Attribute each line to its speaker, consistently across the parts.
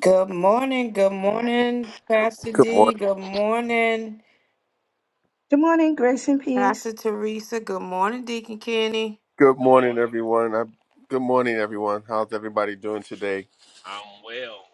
Speaker 1: Good morning. Good morning, Pastor
Speaker 2: Good
Speaker 1: D.
Speaker 2: morning.
Speaker 1: Good morning,
Speaker 3: Good morning, grace and peace.
Speaker 1: Pastor Teresa. Good morning, Deacon Kenny.
Speaker 2: Good
Speaker 4: Good
Speaker 2: morning,
Speaker 4: morning.
Speaker 2: everyone. i good morning, everyone. How's everybody doing today?
Speaker 4: I'm well.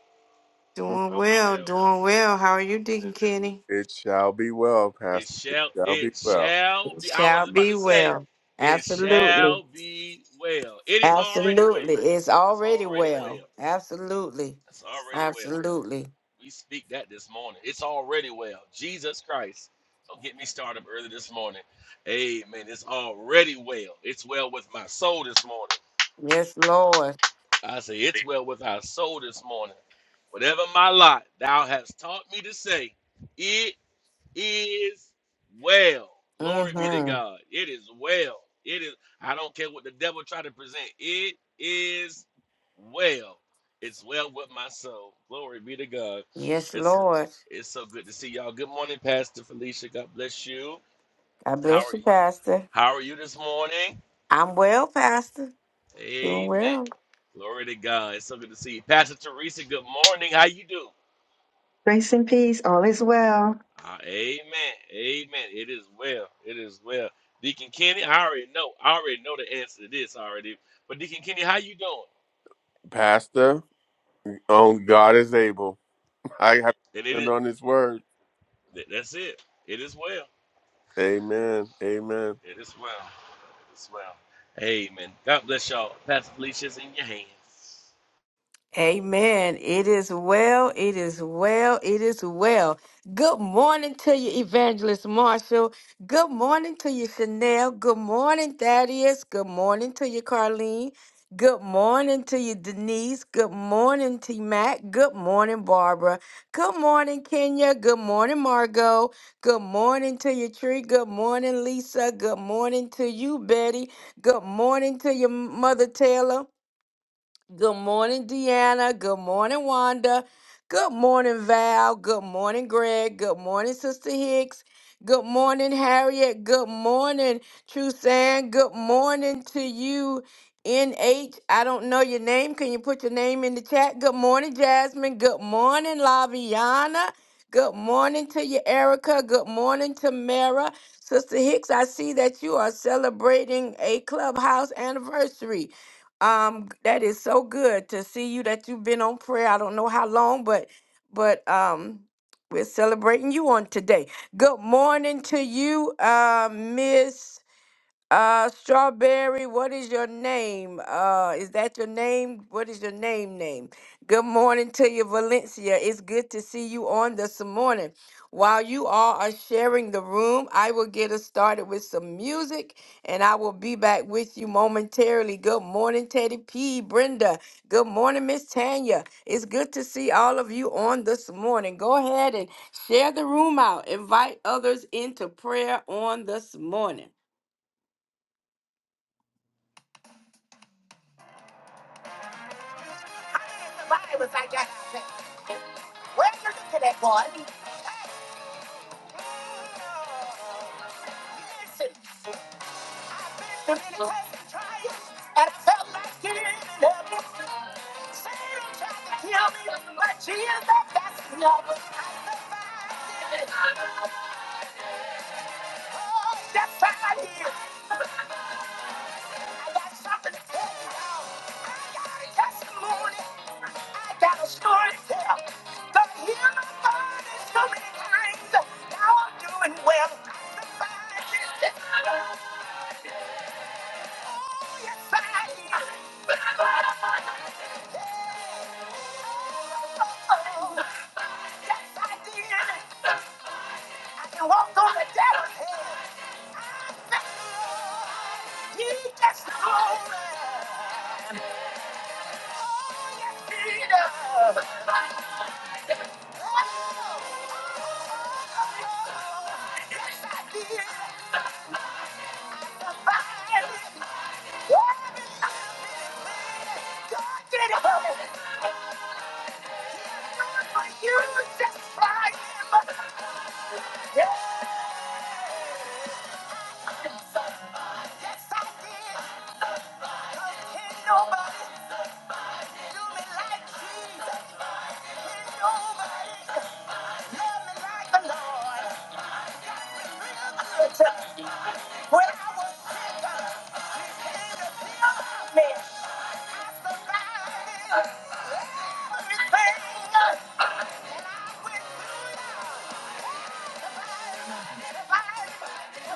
Speaker 1: Doing
Speaker 4: I'm
Speaker 1: well,
Speaker 4: well.
Speaker 1: doing well. How are you,
Speaker 4: I'm
Speaker 1: Deacon
Speaker 4: well.
Speaker 1: Kenny?
Speaker 2: It shall be well,
Speaker 4: It
Speaker 2: Pastor. It
Speaker 4: shall
Speaker 2: shall be
Speaker 4: it
Speaker 2: well.
Speaker 4: shall be I
Speaker 1: Shall
Speaker 4: was about
Speaker 1: be
Speaker 4: to say,
Speaker 1: well.
Speaker 4: it
Speaker 1: Absolutely.
Speaker 4: shall be well. It is already
Speaker 1: Absolutely.
Speaker 4: well.
Speaker 1: It's
Speaker 4: It's
Speaker 1: already
Speaker 4: already
Speaker 1: well.
Speaker 4: well.
Speaker 1: Absolutely.
Speaker 4: It's already well.
Speaker 1: Absolutely.
Speaker 4: We speak that this morning. It's already well. Jesus Christ. Don't get me started up early this morning. Amen. It's already well. It's well with my soul this morning.
Speaker 1: Yes, Lord.
Speaker 4: I say it's well with our soul this morning. Whatever my lot thou hast taught me to say. it. is well. Glory be to
Speaker 1: Mm-hmm.
Speaker 4: God. It is well. It is. I don't care what the devil try to present. It is well. It's well with my soul. Glory be to God.
Speaker 1: Yes,
Speaker 4: It's
Speaker 1: Lord.
Speaker 4: it's so good to see y'all. Good morning, Pastor Felicia. God bless you.
Speaker 1: God
Speaker 4: How
Speaker 1: bless
Speaker 4: are
Speaker 1: you,
Speaker 4: you?
Speaker 1: Pastor.
Speaker 4: How are you this morning?
Speaker 1: I'm well, Pastor. Doing
Speaker 4: Amen.
Speaker 1: well.
Speaker 4: Glory to God. It's so good to see you, Pastor Teresa. Good morning. How you do?
Speaker 3: Grace and peace, all is well.
Speaker 4: Uh, amen. Amen. It is well. It is well. Deacon Kenny, I already know. I already know the answer to this already. But Deacon Kenny, how you doing?
Speaker 2: Pastor, on God is able. I have
Speaker 4: And
Speaker 2: to
Speaker 4: it
Speaker 2: stand
Speaker 4: is
Speaker 2: on his word.
Speaker 4: that- that's it. It is well.
Speaker 2: Amen. Amen.
Speaker 4: It is well. It is well. Amen. God bless y'all. Pastor Felicia's in your hands.
Speaker 1: Amen. It is well. It is well. It is well. Good morning to you, Evangelist Marshall. Good morning to you, Chanel. Good morning, Thaddeus. Good morning to you, Carlene. Good morning to you, Denise. Good morning to you, Matt. Good morning, Barbara. Good morning, Kenya. Good morning, Margot. Good morning to you, Tree. Good morning, Lisa. Good morning to you, Betty. Good morning to your mother, Taylor. Good morning, Deanna. Good morning, Wanda. Good morning, Val. Good morning, Greg. Good morning, Sister Hicks. Good morning, Harriet. Good morning, Trusan. Good morning to you, NH. I don't know your name. Can you put your name in the chat? Good morning, Jasmine. Good morning, Laviana. Good morning to you, Erica. Good morning, Tamara. Sister Hicks, I see that you are celebrating a clubhouse anniversary. Um, that is so good to see you that you've been on prayer. I don't know how long, but but um we're celebrating you on today. Good morning to you, uh, Miss. Uh, Strawberry, what is your name? Uh, is that your name? What is your name name? Good morning to you, Valencia. It's good to see you on this morning. While you all are sharing the room, I will get us started with some music and I will be back with you momentarily. Good morning, Teddy P. Brenda. Good morning, Miss Tanya. It's good to see all of you on this morning. Go ahead and share the room out. Invite others into prayer on this morning. Everybody was like, "God, where you look at that boy? Listen, I've been through many tests and trials, and I felt like giving up. Satan tried to kill me, but Jesus, that's enough. I survived it. Oh, that's how I live. I got something to tell you, all I got a testimony. I got a story to tell. The healing word is so many times. Now I'm doing well. I survived this test. Oh, yes, I did. Oh, yes, I did. I can walk on the devil's head. I thank the Lord. He gets the glory. Oh, yes, he does. When I was a man, everything I According to your faith, he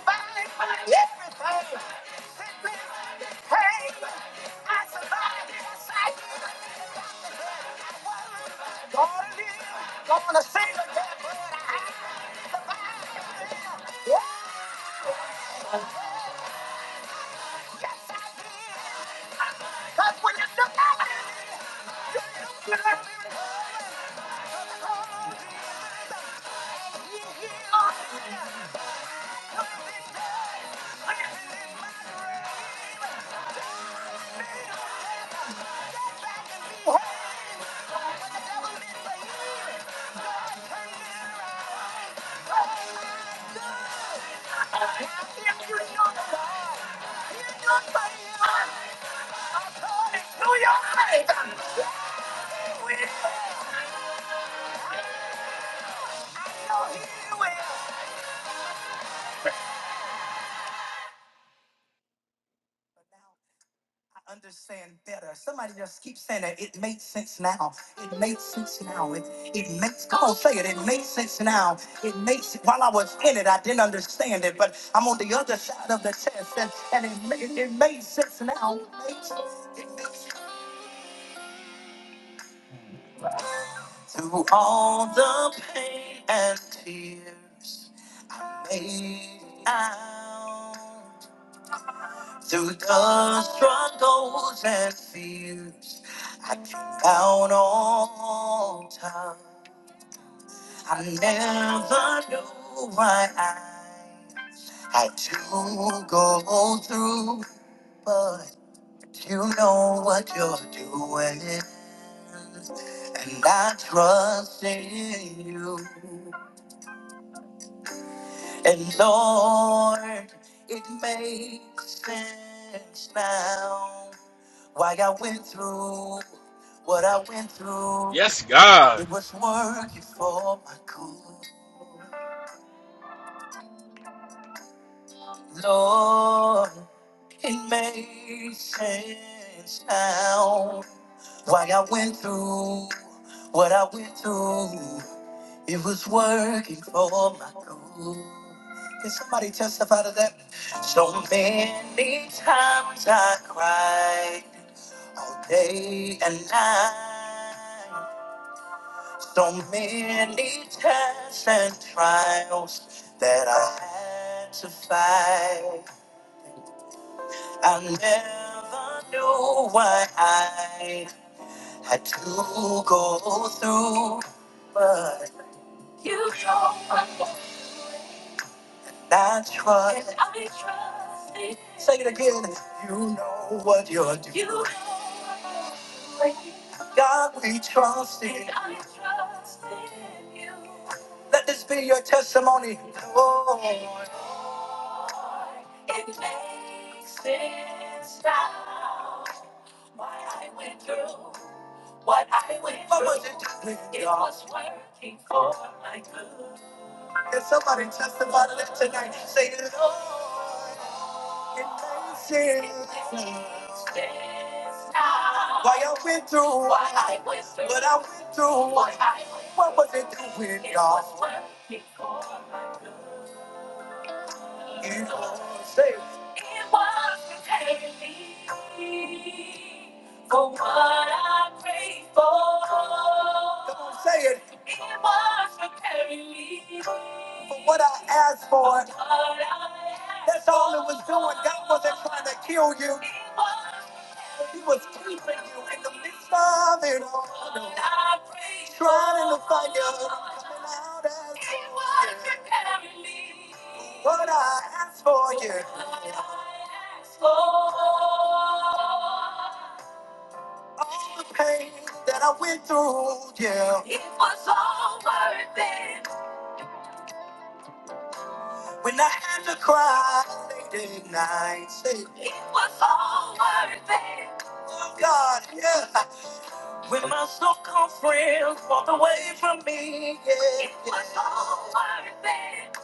Speaker 1: will. I know he will. I understand better. Somebody just keeps saying that it makes sense now. It makes sense now. It, it makes, come on, say it. It makes sense now. It makes, while I was in it, I didn't understand it, but I'm on the other side of the test and, and it, made, it it made sense now. It makes, it makes through all the pain and tears, I made it out. Through the struggles and fears, I came out on top. I never knew why I had to go through, but you know what you're doing. And I trust in you. And Lord, it makes sense now. Why I went through what I went through,
Speaker 4: Yes, God.
Speaker 1: it was working for my good. Lord, it made sense now. Why I went through what I went through, it was working for my good. Can somebody testify to that? So many times I cried all day and night. So many tests and trials that I had to fight. I never knew what I had to go through, but you know. That's what I trust. in. Say it again. You know what you're doing. You know what you're doing. God, we trust in. And I trust in you. Let this be your testimony. Lord, it makes sense now. Why I went through what I went what through. Was it, doing, it God? was working for my good. Can somebody testify to that tonight? Say, Lord, in mercy. Why I went through what I went through, but I went through what I went through. What was it doing, God? It was worth it. It was safe. It was daily for what I prayed for. Come on, say it. For what I asked for, that's all it was doing. God wasn't trying to kill you. He was keeping you in the midst of it all. Trying to find you. Coming out as what I asked for you. All the pain that I went through, yeah. It was all worth it. When I had to cry late at night, say, it was all worth it. Oh God, yeah. When my so-called friends walked away from me, yeah. It was all worth it.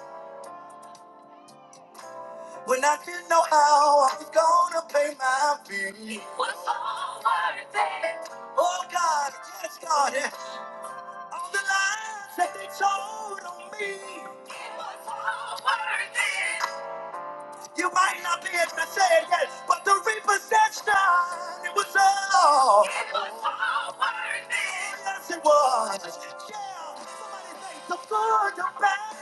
Speaker 1: When I didn't know how I was gonna pay my bills, it was all worth it. Oh God, yes God, yeah. All the lies that they told on me, it was all worth it. You might not be able to say it yet, but the repossession, it was all. It was all worth it. Yes, it was. Yeah. Somebody think the good, the bad,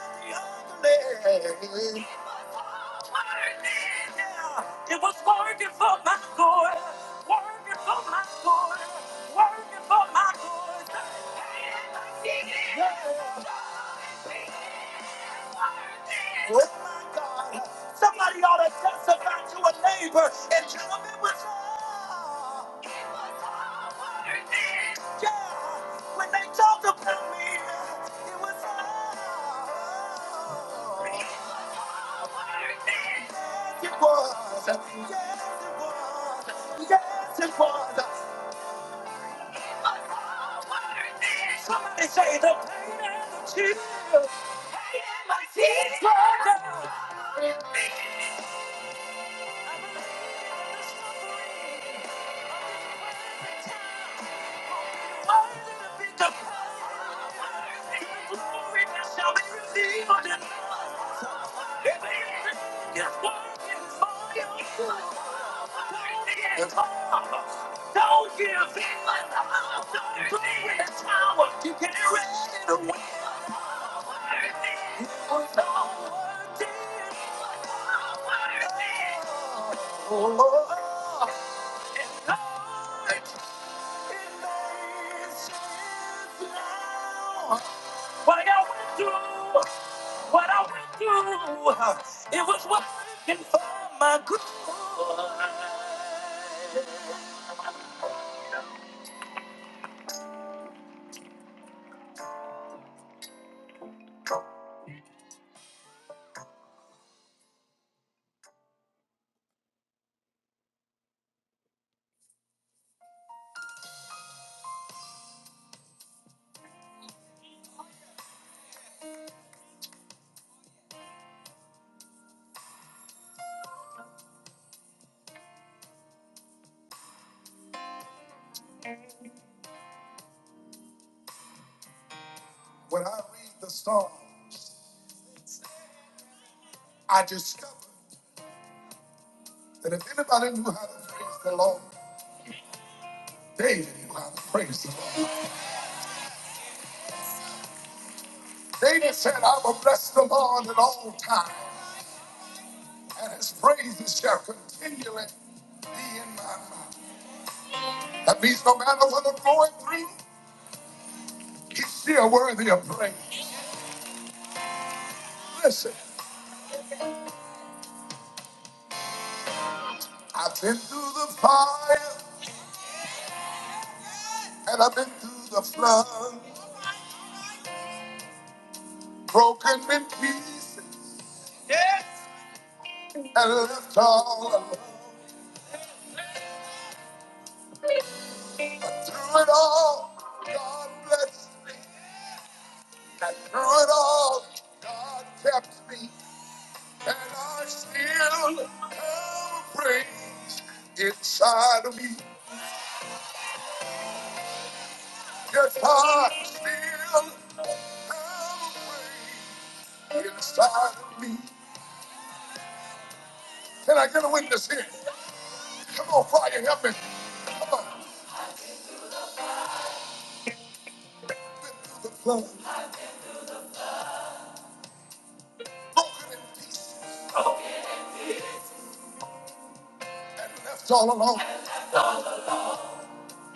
Speaker 1: and the ugly. It was all worth it. Yeah. It was worth it for my good. Worth it for my good. Worth it for my good. Yeah. Oh my God. Somebody ought to testify to a neighbor and tell them it was all. It was all worth it. Yeah. When they talked about me, it was all. It was all worth it. Yes, it was. Yes, it was. Yes, it was. Somebody say the pain and the tears. Pain and my tears. flow down. I believe in the suffering. Don't give in. the house. Don't Put it in the tower. You can erase it away. What I went through, what I went through, it was working for my good. When I read the Psalms, I discovered that if anybody knew how to praise the Lord, David knew how to praise the Lord. David said, I will bless the Lord at all times, and his praises shall continually be in my mouth. That means no matter what I'm going through, He's still worthy of praise. Listen, I've been through the fire and I've been through the flood, broken in pieces and left all alone. But through it all, God blessed me. And through it all, God kept me. And I still have a praise inside of me. Yes, I still have a praise inside of me. Can I get a witness here? Come on, fire, help me. Been through the flood, broken in pieces, and left all alone.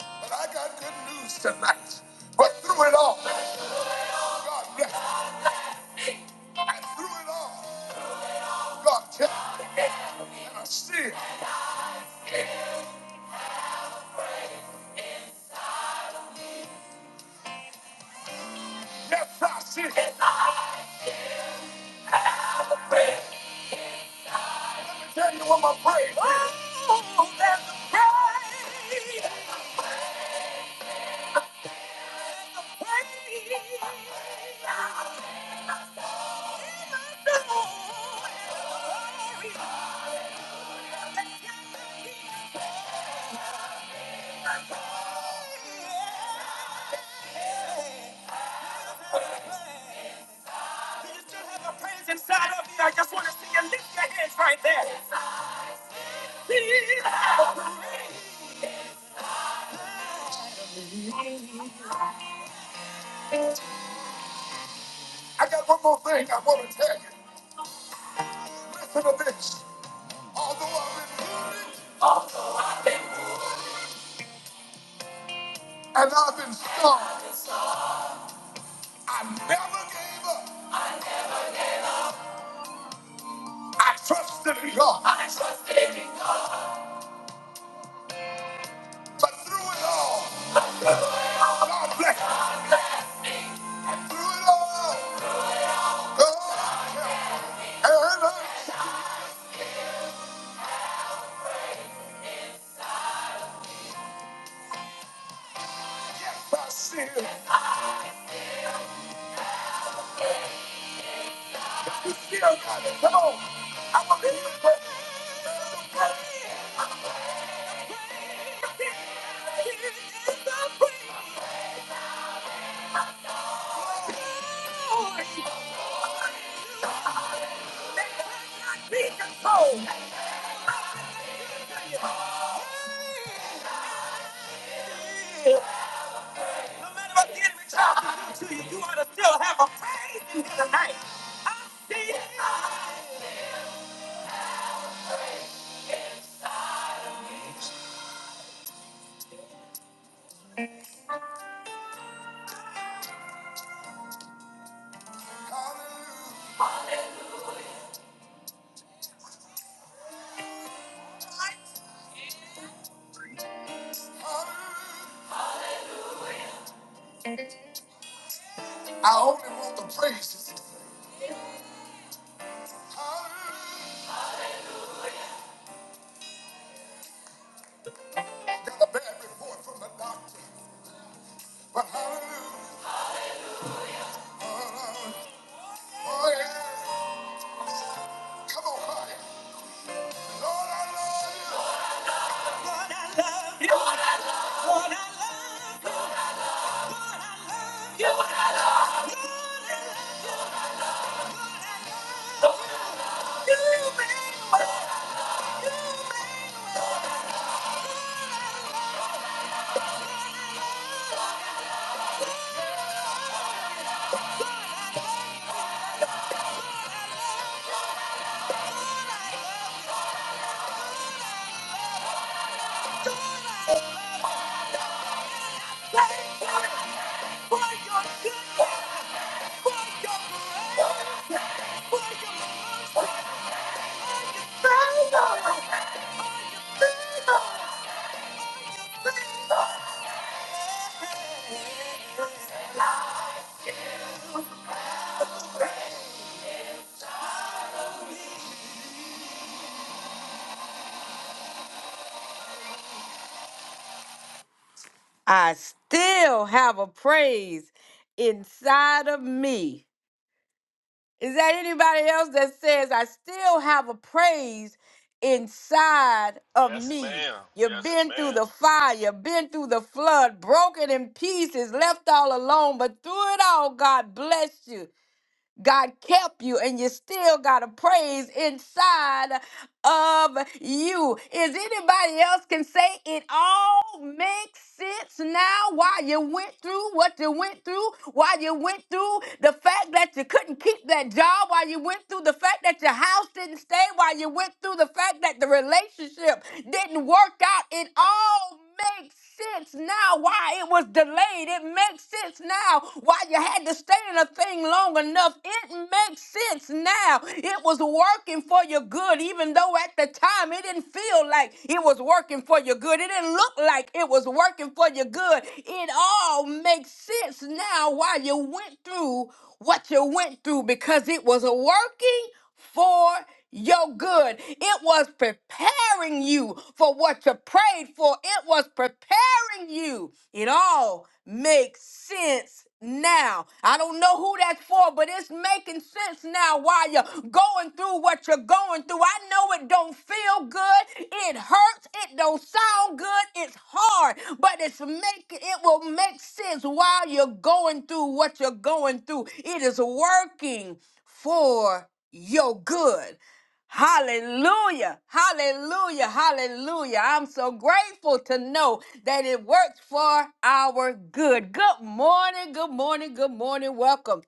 Speaker 1: But I got good news tonight. But through it all, God blessed. me. And through it all, God kept. me. And I see it. Yes, I see it. I tell you what my praise. Do you still have a praise inside of you? I just want to see you lift your hands right there. I got one more thing I want to tell you. Listen to this. Although I've been wounded and I've been scarred, I never gave up. I trust in God. But through it all, God bless. Through it all, God help. And I sin. You still got it. Come on. I'm a believer. No matter what the enemy tries to do to you, you ought to still have a praise in here tonight. I see it. Hallelujah. Hallelujah. I only want the praises. Hallelujah. Got a bad report from the doctor, but hallelujah. Oh, yeah. I still have a praise inside of me. Is there anybody else that says, I still have a praise inside of
Speaker 4: Yes,
Speaker 1: me?
Speaker 4: ma'am.
Speaker 1: You've
Speaker 4: Yes,
Speaker 1: been through
Speaker 4: ma'am.
Speaker 1: the fire, you've been through the flood, broken in pieces, left all alone, but through it all, God blessed you. God kept you, and you still got a praise inside of you. Is anybody else can say it all makes sense now? Why you went through what you went through? Why you went through the fact that you couldn't keep that job? Why you went through the fact that your house didn't stay? Why you went through the fact that the relationship didn't work out? It all makes sense now why it was delayed. It makes sense now why you had to stay in a thing long enough. It makes sense now. It was working for your good, even though at the time it didn't feel like it was working for your good. It didn't look like it was working for your good. It all makes sense now why you went through what you went through because it was working for your good. It was preparing you for what you prayed for. It was preparing you. It all makes sense now. I don't know who that's for, but it's making sense now while you're going through what you're going through. I know it don't feel good. It hurts. It don't sound good. It's hard, but it's make it will make sense while you're going through what you're going through. It is working for your good. Hallelujah. Hallelujah. Hallelujah. I'm so grateful to know that it works for our good. Good morning. Good morning. Good morning. Welcome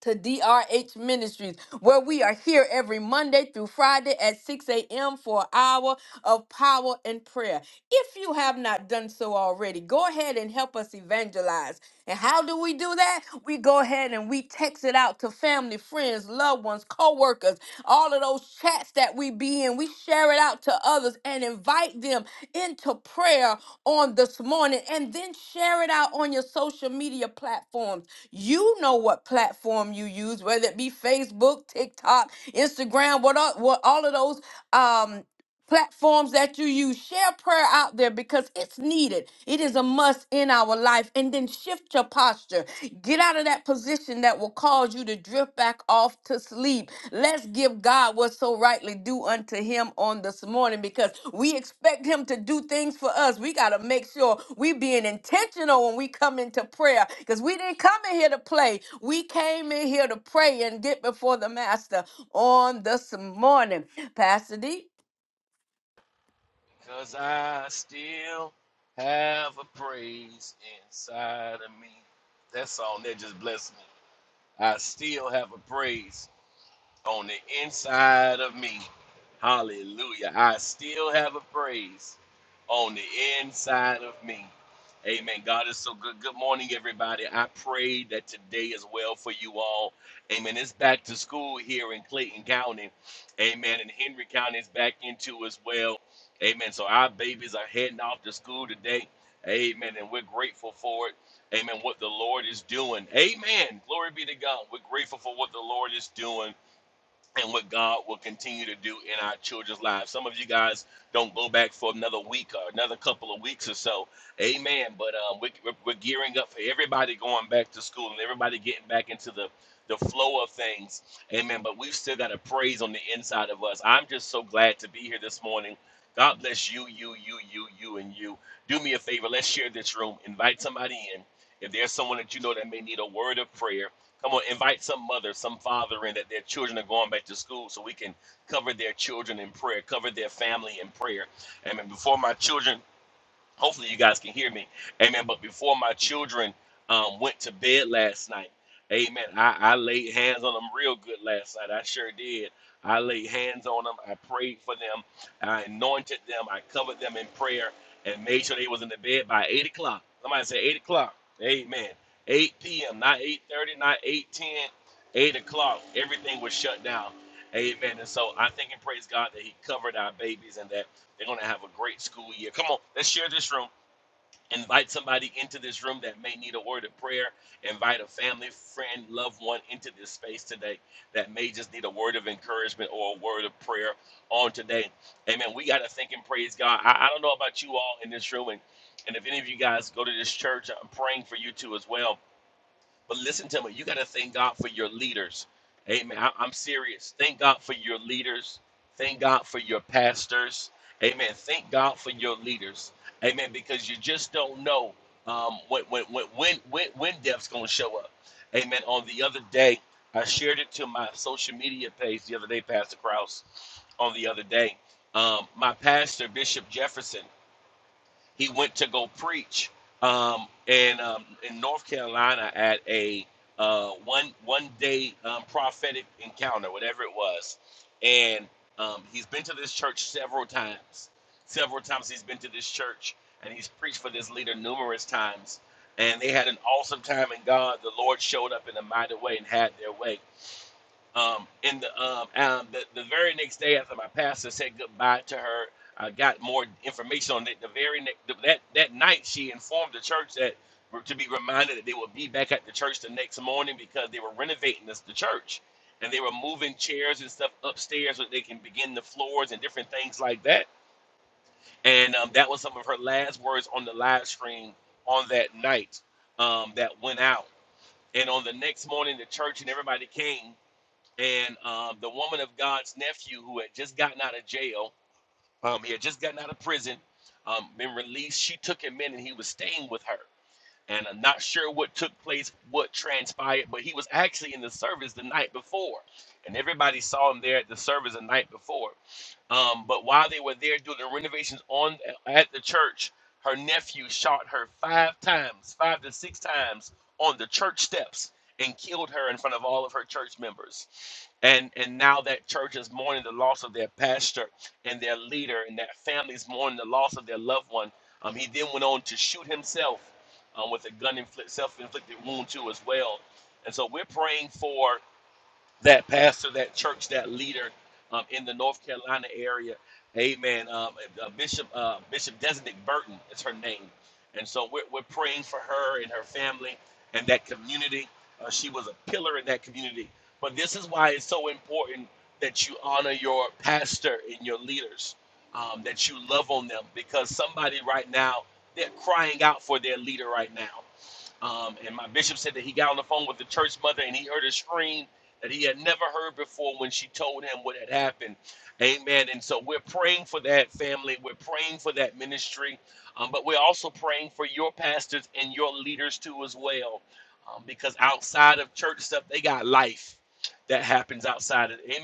Speaker 1: to DRH Ministries, where we are here every Monday through Friday at 6 a.m. for an hour of power and prayer. If you have not done so already, go ahead and help us evangelize. And how do we do that? We go ahead and we text it out to family, friends, loved ones, co workers, all of those chats that we be in. We share it out to others and invite them into prayer on this morning and then share it out on your social media platforms. You know what platform you use, whether it be Facebook, TikTok, Instagram, what all, what all of those. Um, platforms that you use. Share prayer out there because it's needed. It is a must in our life. And then shift your posture. Get out of that position that will cause you to drift back off to sleep. Let's give God what's so rightly due unto Him on this morning because we expect Him to do things for us. We got to make sure we being intentional when we come into prayer because we didn't come in here to play. We came in here to pray and get before the Master on this morning. Pastor D.
Speaker 4: Cause I still have a praise inside of me. That song that just blessed me. I still have a praise on the inside of me. Hallelujah. I still have a praise on the inside of me. Amen. God is so good. Good morning, everybody. I pray that today is well for you all. Amen. It's back to school here in Clayton County. Amen. And Henry County is back into as well. Amen. So our babies are heading off to school today. Amen. And we're grateful for it. Amen. What the Lord is doing. Amen. Glory be to God. We're grateful for what the Lord is doing and what God will continue to do in our children's lives. Some of you guys don't go back for another week or another couple of weeks or so. Amen. But um, we, we're, we're gearing up for everybody going back to school and everybody getting back into the the flow of things. Amen. But we've still got a praise on the inside of us. I'm just so glad to be here this morning. God bless you, you, you, you, you, and you. Do me a favor. Let's share this room. Invite somebody in. If there's someone that you know that may need a word of prayer, Come on, invite some mother, some father in that their children are going back to school so we can cover their children in prayer, cover their family in prayer. Amen. Before my children hopefully you guys can hear me amen but before my children um, went to bed last night amen I, I laid hands on them real good last night i sure did i laid hands on them i prayed for them i anointed them i covered them in prayer and made sure they was in the bed by 8 o'clock somebody say 8 o'clock amen 8 p.m not 8.30 not 8.10 8 o'clock everything was shut down amen and so i thank and praise god that he covered our babies and that they're going to have a great school year. Come on, let's share this room. Invite somebody into this room that may need a word of prayer. Invite a family, friend, loved one into this space today that may just need a word of encouragement or a word of prayer on today. Amen. We got to think and praise God. I, I don't know about you all in this room, and, and if any of you guys go to this church, I'm praying for you too as well. But listen to me, you got to thank God for your leaders. Amen. I, am serious. Thank God for your leaders. Thank God for your pastors. Amen. Thank God for your leaders. Amen. Because you just don't know um, when, when, when, when, when when death's going to show up. Amen. On the other day, I shared it to my social media page the other day, Pastor Krause, on the other day. Um, my pastor, Bishop Jefferson, he went to go preach um, in um, in North Carolina at a uh, one one day um, prophetic encounter, whatever it was, and um, he's been to this church several times. Several times he's been to this church, and he's preached for this leader numerous times. And they had an awesome time in God. The Lord showed up in a mighty way and had their way. Um, and the, um, um, the the very next day after my pastor said goodbye to her, I got more information on it. The very next that that night, she informed the church that were to be reminded that they would be back at the church the next morning because they were renovating this, the church, and they were moving chairs and stuff upstairs so they can begin the floors and different things like that. And um, that was some of her last words on the live stream on that night um, that went out. And on the next morning, the church and everybody came and um, the woman of God's nephew who had just gotten out of jail, um, he had just gotten out of prison, um, been released. She took him in, and he was staying with her and I'm not sure what took place, what transpired, but he was actually in the service the night before, and everybody saw him there at the service the night before. Um, but while they were there doing the renovations on at the church, her nephew shot her five times, five to six times on the church steps and killed her in front of all of her church members. And and now that church is mourning the loss of their pastor and their leader, and that family is mourning the loss of their loved one. Um, he then went on to shoot himself um, with a gun inflict, self-inflicted wound too as well. And so we're praying for that pastor, that church, that leader um, in the North Carolina area. Amen. Um, uh, uh, Bishop uh, Bishop Designate Burton is her name, and so we're, we're praying for her and her family and that community. Uh, she was a pillar in that community. But this is why it's so important that you honor your pastor and your leaders, um, that you love on them, because somebody right now they're crying out for their leader right now. Um, and my bishop said that he got on the phone with the church mother and he heard a scream that he had never heard before when she told him what had happened. Amen. And so we're praying for that family. We're praying for that ministry. Um, but we're also praying for your pastors and your leaders too, as well. Um, because outside of church stuff, they got life that happens outside of Amen.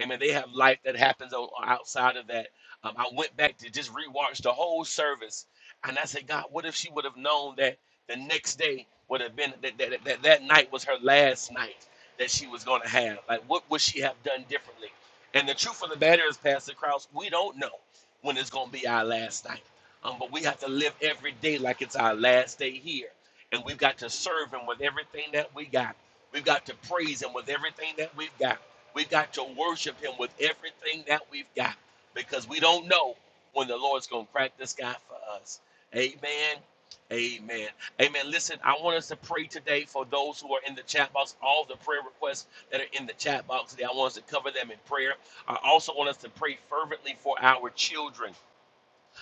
Speaker 4: Amen. They have life that happens o- outside of that. Um, I went back to just rewatch the whole service. And I said, God, what if she would have known that? The next day would have been that that, that, that night was her last night that she was going to have. Like, what would she have done differently? And the truth of the matter is, Pastor Krause, we don't know when it's going to be our last night. Um, but we have to live every day like it's our last day here. And we've got to serve Him with everything that we got. We've got to praise Him with everything that we've got. We've got to worship Him with everything that we've got because we don't know when the Lord's going to crack the sky for us. Amen. Amen. Amen. Listen, I want us to pray today for those who are in the chat box, all the prayer requests that are in the chat box today. I want us to cover them in prayer. I also want us to pray fervently for our children.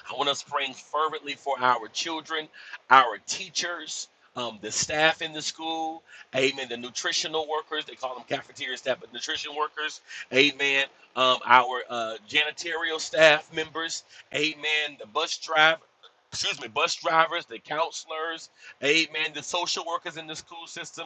Speaker 4: I want us praying fervently for our children, our teachers, um, the staff in the school, amen, the nutritional workers, they call them cafeteria staff, but nutrition workers, amen, um, our uh, janitorial staff members, amen, the bus driver. Excuse me, bus drivers, the counselors, amen, the social workers in the school system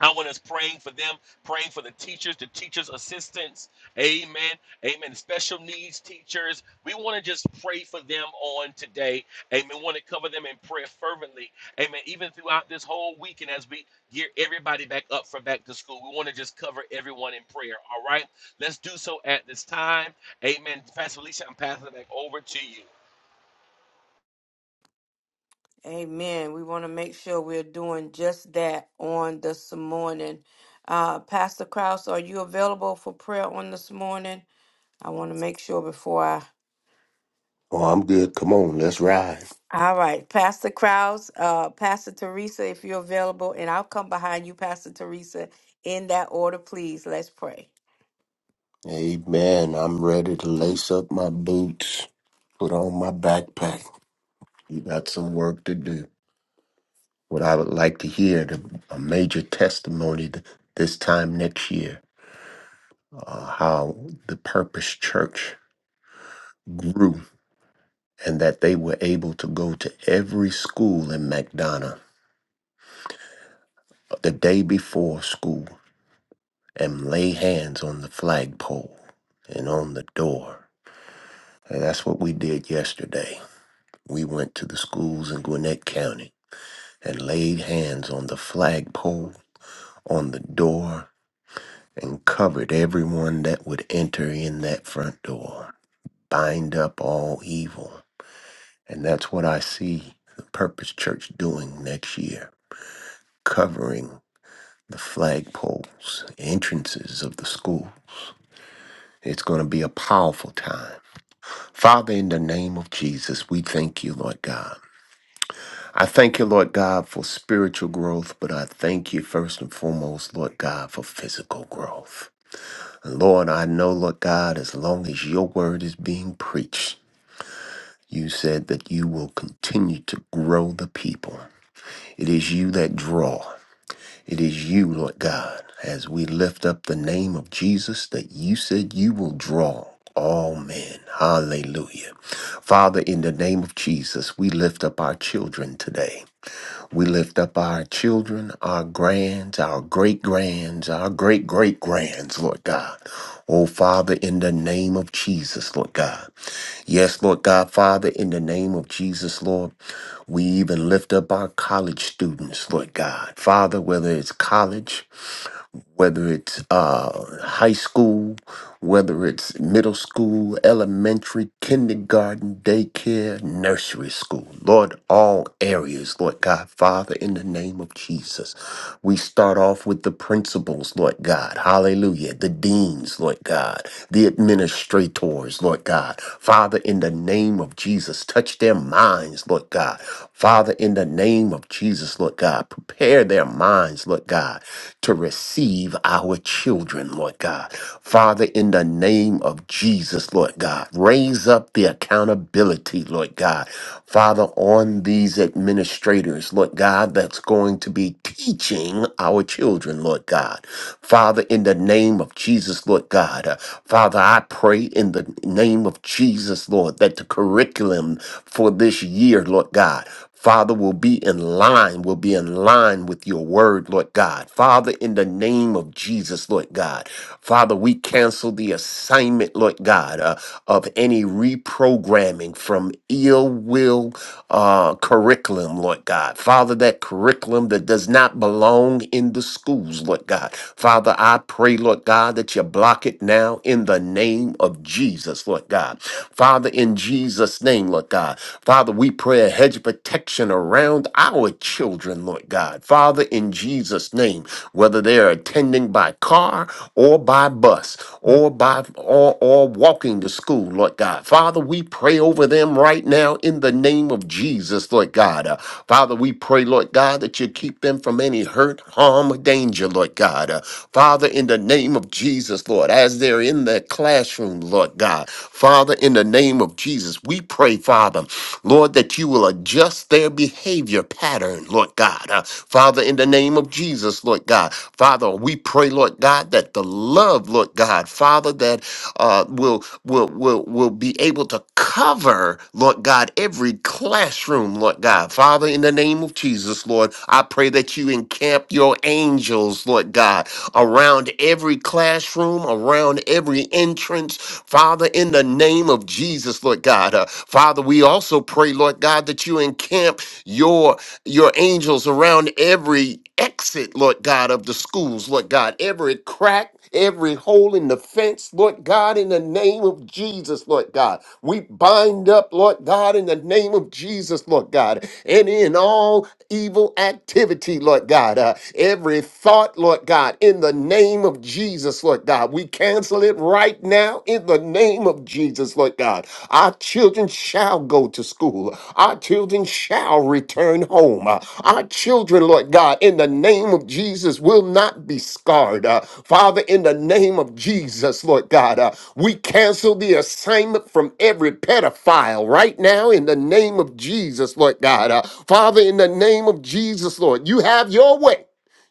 Speaker 4: I want us praying for them, praying for the teachers, the teachers' assistants. Amen. Amen. Special needs teachers. We want to just pray for them on today. Amen. We Want to cover them in prayer fervently. Amen. Even throughout this whole weekend as we gear everybody back up for back to school, we want to just cover everyone in prayer. All right. Let's do so at this time. Amen. Pastor Lisa, I'm passing it back over to you.
Speaker 1: Amen. We want to make sure we're doing just that on this morning. Uh, Pastor Krause, are you available for prayer on this morning? I want to make sure before I.
Speaker 5: Oh, I'm good. Come on, let's ride.
Speaker 1: All right, Pastor Krause, uh, Pastor Teresa, if you're available, and I'll come behind you, Pastor Teresa, in that order, please. Let's pray.
Speaker 5: Amen. I'm ready to lace up my boots, put on my backpack. You got some work to do. What I would like to hear the, a major testimony th- this time next year, uh, how the Purpose Church grew and that they were able to go to every school in McDonough uh, the day before school and lay hands on the flagpole and on the door. And that's what we did yesterday. We went to the schools in Gwinnett County and laid hands on the flagpole, on the door, and covered everyone that would enter in that front door. Bind up all evil. And that's what I see the Purpose Church doing next year covering the flagpoles, entrances of the school. It's going to be a powerful time. Father, in the name of Jesus, we thank you, Lord God. I thank you, Lord God, for spiritual growth, but I thank you first and foremost, Lord God, for physical growth. And Lord, I know, Lord God, as long as your word is being preached, you said that you will continue to grow the people. It is you that draw. It is you, Lord God, as we lift up the name of Jesus, that you said you will draw all men. Hallelujah. Father, in the name of Jesus, we lift up our children today. We lift up our children, our grands, our great grands, our great great grands, Lord God. Oh, Father, in the name of Jesus, Lord God. Yes, Lord God, Father, in the name of Jesus, Lord. We even lift up our college students, Lord God. Father, whether it's college, whether it's uh, high school, whether it's middle school, elementary, kindergarten, daycare, nursery school. Lord, all areas, Lord God, Father, in the name of Jesus. We start off with the principals, Lord God. Hallelujah. The deans, Lord God. The administrators, Lord God. Father, in the name of Jesus, touch their minds, Lord God. Father, in the name of Jesus, Lord God, prepare their minds, Lord God, to receive our children, Lord God. Father, in the name of Jesus, Lord God, raise up the accountability, Lord God. Father, on these administrators, Lord God, that's going to be teaching our children, Lord God. Father, in the name of Jesus, Lord God. uh, Father, I pray in the name of Jesus, Lord, that the curriculum for this year, Lord Lord God. Father, will be in line, will be in line with your word, Lord God. Father, in the name of Jesus, Lord God. Father, we cancel the assignment, Lord God, uh, of any reprogramming from ill will uh, curriculum, Lord God. Father, that curriculum that does not belong in the schools, Lord God. Father, I pray, Lord God, that you block it now in the name of Jesus, Lord God. Father, in Jesus' name, Lord God. Father, Father, we pray a hedge of protection around our children, Lord God. Father, in Jesus' name, whether they are attending by car or by bus or by or, or walking to school, Lord God. Father, we pray over them right now in the name of Jesus, Lord God. Uh, Father, we pray, Lord God, that you keep them from any hurt, harm, or danger, Lord God. Uh, Father, in the name of Jesus, Lord, as they're in their classroom, Lord God. Father, in the name of Jesus, we pray, Father. Lord, that you will adjust their behavior pattern, Lord God. Uh, Father, in the name of Jesus, Lord God. Father, we pray, Lord God, that the love, Lord God, Father, that uh, will will will will be able to cover, Lord God, every classroom, Lord God. Father, in the name of Jesus, Lord, I pray that you encamp your angels, Lord God, around every classroom, around every entrance, Father, in the name of Jesus, Lord God. Uh, Father, we also pray, Lord God, that you encamp your your angels around every exit, Lord God, of the schools, Lord God, every crack, every hole in the fence, Lord God, in the name of Jesus, Lord God. We bind up, Lord God, in the name of Jesus, Lord God, and in all evil activity, Lord God, uh, every thought, Lord God, in the name of Jesus. Jesus, Lord God. We cancel it right now in the name of Jesus, Lord God. Our children shall go to school. Our children shall return home. Uh, Our children, Lord God, in the name of Jesus, will not be scarred. Uh, Father, in the name of Jesus, Lord God, uh, we cancel the assignment from every pedophile right now in the name of Jesus, Lord God. Uh, Father, in the name of Jesus, Lord, you have your way.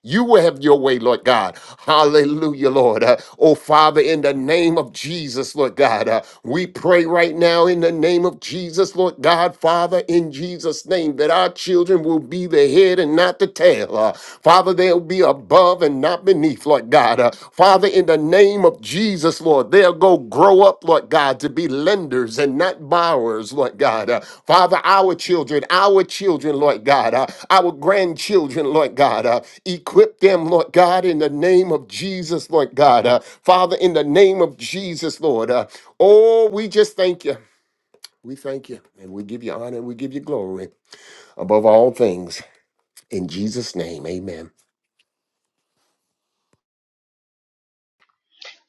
Speaker 5: You will have your way, Lord God. Hallelujah, Lord. Uh, oh, Father, in the name of Jesus, Lord God, uh, we pray right now in the name of Jesus, Lord God, Father, in Jesus' name, that our children will be the head and not the tail. Uh, Father, they'll be above and not beneath, Lord God. Uh, Father, in the name of Jesus, Lord. They'll go grow up, Lord God, to be lenders and not borrowers, Lord God. Uh, Father, our children, our children, Lord God, uh, our grandchildren, Lord God, uh, equip them, Lord God, in the name of Jesus, Lord God. Uh, Father, in the name of Jesus, Lord. Uh, oh, we just thank you. We thank you and we give you honor and we give you glory above all things. In Jesus' name, amen.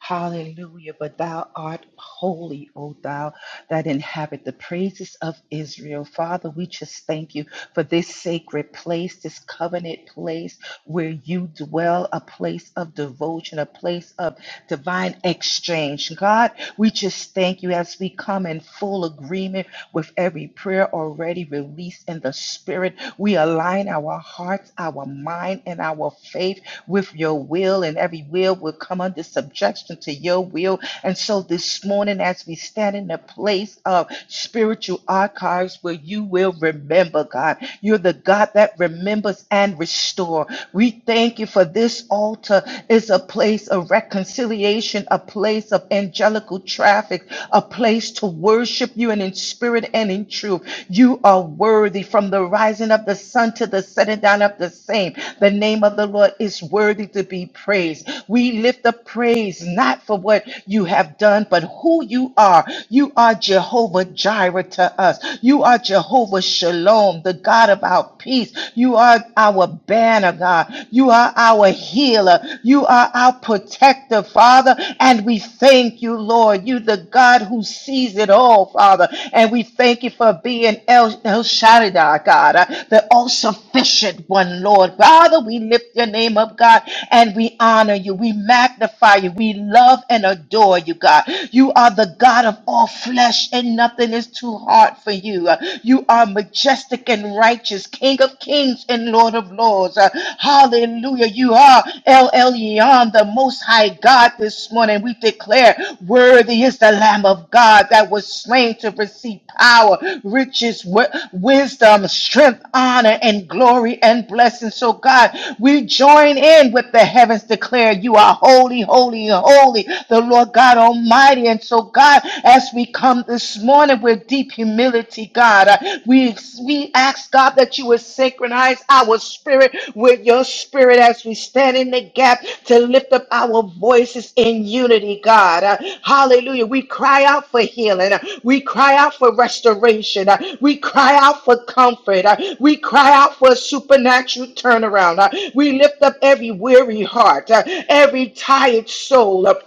Speaker 3: Hallelujah. But thou art holy, O thou that inhabit the praises of Israel. Father, we just thank you for this sacred place, this covenant place where you dwell, a place of devotion, a place of divine exchange. God, we just thank you as we come in full agreement with every prayer already released in the spirit. We align our hearts, our mind, and our faith with your will, and every will will come under subjection to your will. And so this morning, as we stand in the place of spiritual archives where you will remember, God, you're the God that remembers and restore. We thank you for this altar is a place of reconciliation, a place of angelical traffic, a place to worship you and in spirit and in truth. You are are worthy from the rising of the sun to the setting down of the same. The name of the Lord is worthy to be praised. We lift up praise not for what you have done, but who you are. You are Jehovah Jireh to us. You are Jehovah Shalom, the God of our peace. You are our banner, God. You are our healer. You are our protector, Father. And we thank thank you, Lord. You, the God who sees it all, Father. And we thank you for being El, El Shaddai, God, uh, the all sufficient one, Lord. Father, we lift your name up, God, and we honor you. We magnify you. We love and adore you, God. You are the God of all flesh, and nothing is too hard for you. Uh, You are majestic and righteous, King of kings and Lord of lords. Uh, Hallelujah. You are El Elyon, the Most High God this morning. We declare, Worthy is the Lamb of God that was slain to receive power, riches, wi- wisdom, strength, honor, and glory and blessing. So, God, we join in with the heavens declare, You are holy, holy, holy, the Lord God Almighty. And so, God, as we come this morning with deep humility, mighty God. Uh, We, we ask, God, that you would synchronize our spirit with your spirit as we stand in the gap to lift up our voices in unity, God. Uh, Hallelujah. We cry out for healing. Uh, We cry out for restoration. Uh, We cry out for comfort. Uh, We cry out for a supernatural turnaround. Uh, We lift up every weary heart, uh, every tired soul. Uh,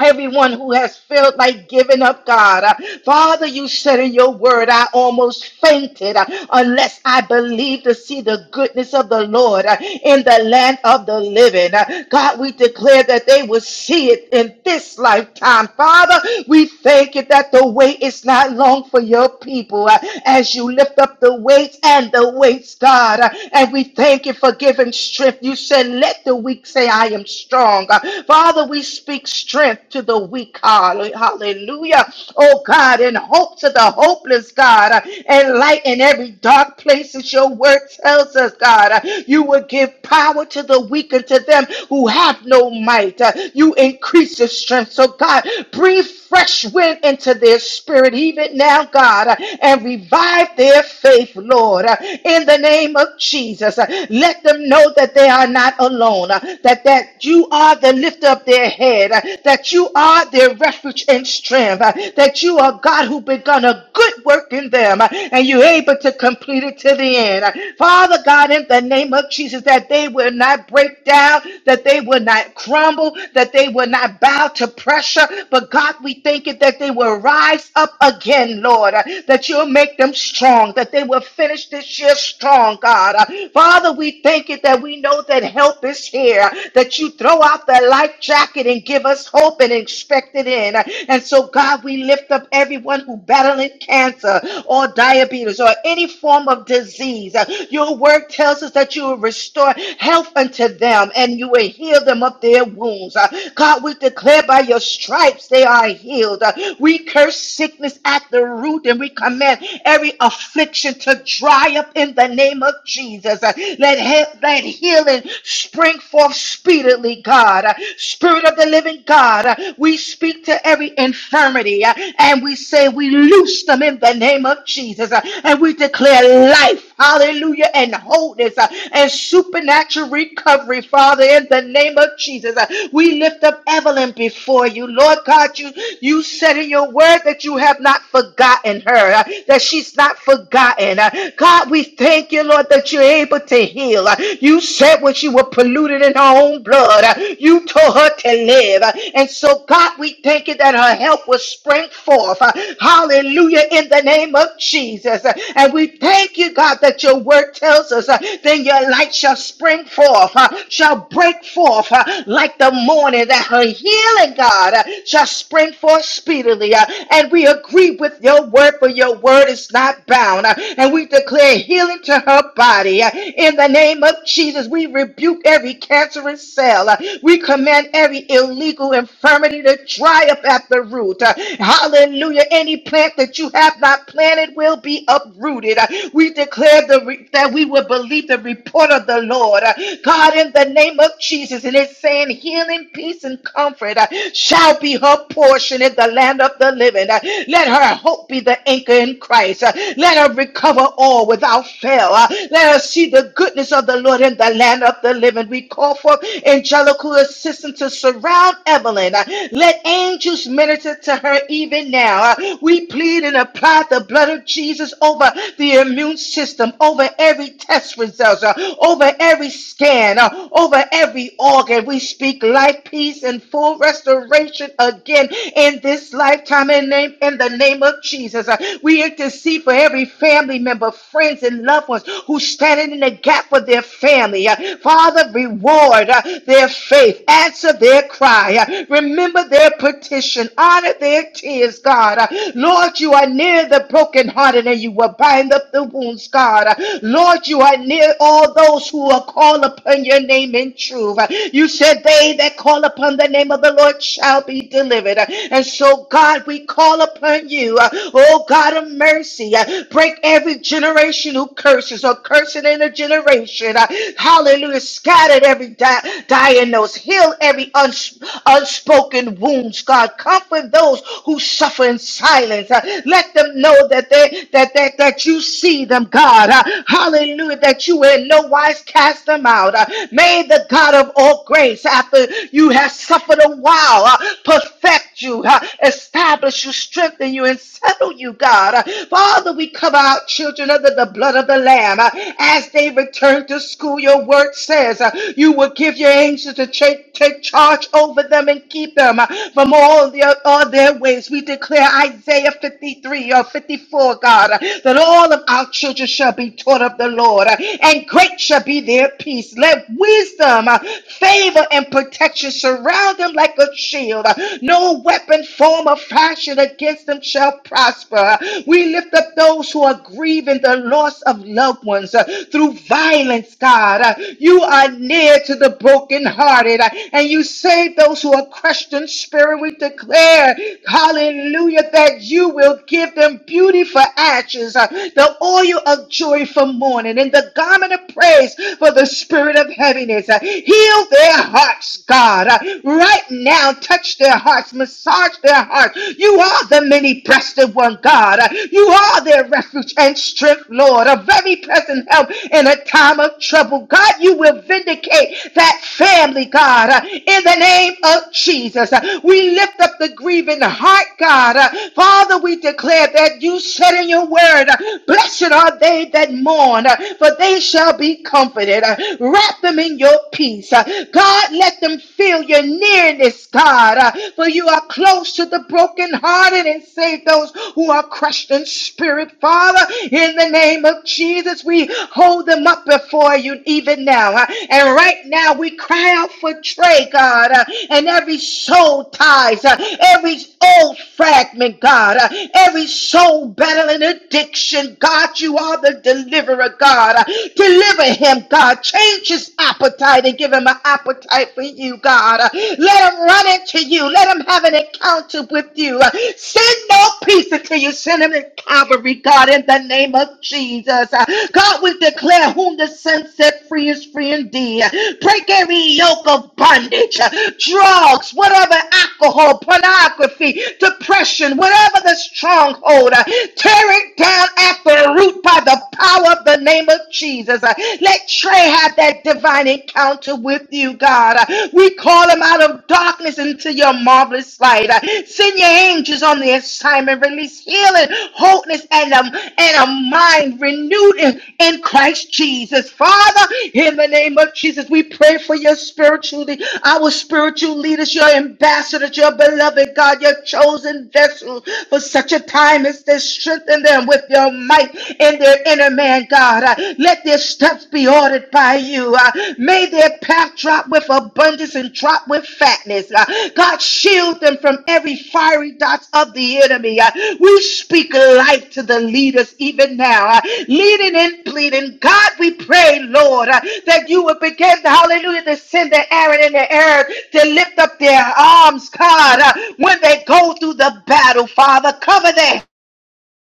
Speaker 3: Everyone who has felt like giving up, God. Uh, Father, you said in your word, I almost fainted uh, unless I believed to see the goodness of the Lord uh, in the land of the living. Uh, God, we declare that they will see it in this lifetime. Father, we thank you that the wait is not long for your people uh, as you lift up the weights and the weights, God. Uh, And we thank you for giving strength. You said, Let the weak say, I am strong. Uh, Father, we speak strength to the weak. Hall- Hallelujah. Oh God, and hope to the hopeless, God, uh, and light in every dark place, as your word tells us, God. Uh, You will give power to the weak and to them who have no might. Uh, You increase the strength. So, God, breathe fresh wind into their spirit, even now, God, uh, and revive their faith, Lord, uh, in the name of Jesus. Uh, Let them know that they are not alone, uh, that, that you are the lift up their head, uh, that you are their refuge and strength, uh, that you are God who begun a good work in them, uh, and you're able to complete it to the end. Uh, Father God, in the name of Jesus, that they will not break down, that they will not crumble, that they will not bow to pressure, but God, we thank you that they will rise up again, Lord, uh, that you'll make them strong, that they will finish this year strong, God. Uh, Father, we thank you that we know that help is here, uh, that you throw out the life jacket and give us hope and expect it in. Uh, And so, God, we lift up everyone who battling cancer or diabetes or any form of disease. Uh, Your word tells us that you will restore health unto them and you will heal them of their wounds. Uh, God, we declare that by your stripes they are healed. Uh, We curse sickness at the root and we command every affliction to dry up in the name of Jesus. Uh, Let, he- let healing spring forth speedily, God. Uh, Spirit of the living God, uh, we speak to every infirmity uh, and we say we loose them in the name of Jesus. Uh, And we declare life hallelujah, and wholeness uh, and supernatural recovery, Father, in the name of Jesus. Uh, We lift up Evelyn before you. Lord God, you, you said in your word that you have not forgotten her, uh, that she's not forgotten. Uh, God, we thank you, Lord, that you're able to heal. Uh, You said when she was polluted in her own blood, uh, you told her to live. Uh, And so, God, we thank you that her help will spring forth. Uh, Hallelujah, in the name of Jesus. Uh, And we thank you, God. God, that your word tells us, uh, then your light shall spring forth, uh, shall break forth uh, like the morning, that her healing, God, uh, shall spring forth speedily. uh, and we agree with your word, for your word is not bound. uh, and we declare healing to her body. uh, in the name of Jesus, we rebuke every cancerous cell. uh, we command every illegal infirmity to dry up at the root. uh, hallelujah. Any plant that you have not planted will be uprooted. Uh, we we declare the re- that we will believe the report of the Lord. Uh, God, in the name of Jesus, and it's saying healing, peace, and comfort uh, shall be her portion in the land of the living. Uh, Let her hope be the anchor in Christ. Uh, Let her recover all without fail. Uh, Let her see the goodness of the Lord in the land of the living. We call for angelical assistance to surround Evelyn. Uh, Let angels minister to her even now. Uh, We plead and apply the blood of Jesus over the your immune system over every test result, uh, over every scan, uh, over every organ. We speak life, peace, and full restoration again in this lifetime in, name, in the name of Jesus. Uh, we intercede for every family member, friends, and loved ones who's standing in the gap for their family. Uh, Father, reward uh, their faith, answer their cry, uh, remember their petition, honor their tears, God. Uh, Lord, you are near the brokenhearted and you will bind bind up the wounds, God. Lord, you are near all those who are called upon your name in truth. You said they that call upon the name of the Lord shall be delivered. And so, God, we call upon you. Oh, God of mercy, break every generational curses or cursing in a generation. Hallelujah. Scattered every di- diagnose. Heal every uns- unspoken wounds, God. Comfort those who suffer in silence. Uh, Let them know that they that that that that you see them, God. Uh, hallelujah, that you in no wise cast them out. Uh, may the God of all grace, after you have suffered a while, uh, perfect you, uh, establish you, strengthen you, and settle you, God. Uh, Father, we cover our children, under the blood of the Lamb. Uh, as they return to school, your word says uh, you will give your angels to take, take charge over them and keep them uh, from all their, all their ways. We declare Isaiah 53 or 54, God, uh, that all of our children shall be taught of the Lord, uh, and great shall be their peace. Let wisdom, uh, favor, and protection surround them like a shield. Uh, No weapon, form, or fashion against them shall prosper. Uh, We lift up those who are grieving the loss of loved ones uh, through violence, God. Uh, You are near to the brokenhearted, uh, and you save those who are crushed in spirit. We declare, hallelujah, that you will give them beauty for ashes patches, uh, the oil of joy for mourning, and the garment of praise for the spirit of heaviness. Uh, Heal their hearts, God. Uh, Right now, touch their hearts, massage their hearts. You are the many breasted one, God. Uh, You are their refuge and strength, Lord, a very present help in a time of trouble. God, you will vindicate that family, God, uh, in the name of Jesus. Uh, We lift up the grieving heart, God. Uh, Father, we declare that you said it in your word. Blessed are they that mourn, for they shall be comforted. Wrap them in your peace. God, let them feel your nearness, God, for you are close to the brokenhearted and save those who are crushed in spirit, Father. In the name of Jesus, we hold them up before you even now. And right now, we cry out for Trey, God, and every soul ties, every old fragment, God, every soul bound battling addiction. God, you are the deliverer, God. Deliver him, God. Change his appetite and give him an appetite for you, God. Let him run into you. Let him have an encounter with you. Send no peace until you send him in Calvary, God, in the name of Jesus. God, we declare whom the Son set free is free indeed. Break every yoke of bondage, drugs, whatever alcohol, pornography, depression, whatever the stronghold. Uh, Tear it down at the root by the power of the name of Jesus. Uh, Let Trey have that divine encounter with you, God. Uh, We call him out of darkness into your marvelous light. Uh, Send your angels on the assignment. Release healing, wholeness, and a, and a mind renewed in, in Christ Jesus. Father, in the name of Jesus, we pray for your spiritual, lea- our spiritual leaders, your ambassadors, your beloved God, your chosen vessel for such a time as is to strengthen them with your might in their inner man, God. Uh, Let their steps be ordered by you. Uh, May their path drop with abundance and drop with fatness. Uh, God, shield them from every fiery dots of the enemy. Uh, We speak life to the leaders even now, uh, leading and bleeding. God, we pray, Lord, uh, that you would begin, to, hallelujah, to send the Aaron and the Arab to lift up their arms, God, uh, when they go through the battle, Father. Cover their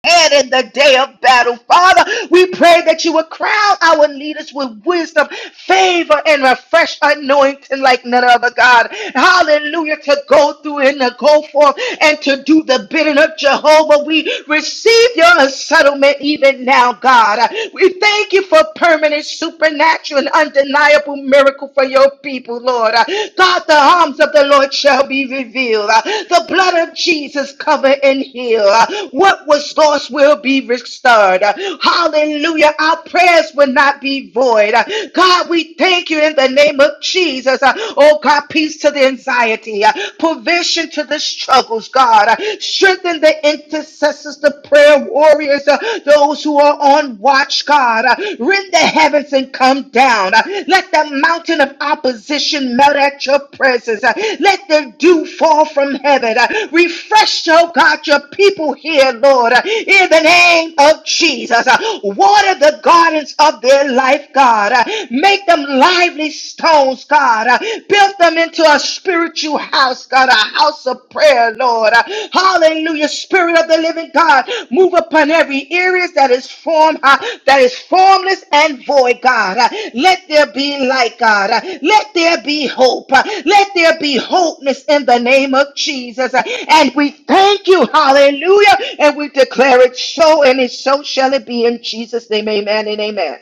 Speaker 3: hand in the day of battle. Father, we pray that you would crown our leaders with wisdom, favor, and a fresh anointing like none other, God. Hallelujah. To go through and to go forth and to do the bidding of Jehovah. We receive your settlement even now, God. We thank you for permanent, supernatural, and undeniable miracle for your people, Lord. God, the arms of the Lord shall be revealed. Uh, The blood of Jesus cover and heal. Uh, What was lost will be restored. Uh, Hallelujah. Our prayers will not be void. Uh, God, we thank you in the name of Jesus. Uh, Oh God, peace to the anxiety, uh, provision to the struggles, God. Uh, Strengthen the intercessors, the prayer warriors, uh, those who are are on watch, God. Uh, Rend the heavens and come down. Uh, Let the mountain of opposition melt at your presence. Uh, Let the dew fall from heaven. Uh, Refresh, oh God, your people here, Lord, uh, in the name of Jesus. Uh, Water the gardens of their life, God. Uh, Make them lively stones, God. Uh, Build them into a spiritual house, us, God, a house of prayer, Lord. Uh, Hallelujah. Spirit of the living God, move upon every earrings that is formed, uh, that is formless and void, God. Uh, Let there be light, God. Uh, Let there be hope. Uh, Let there be wholeness in the name of Jesus. Uh, And we thank you, hallelujah. And we declare it so, and it so shall it be in Jesus' name. Amen and amen.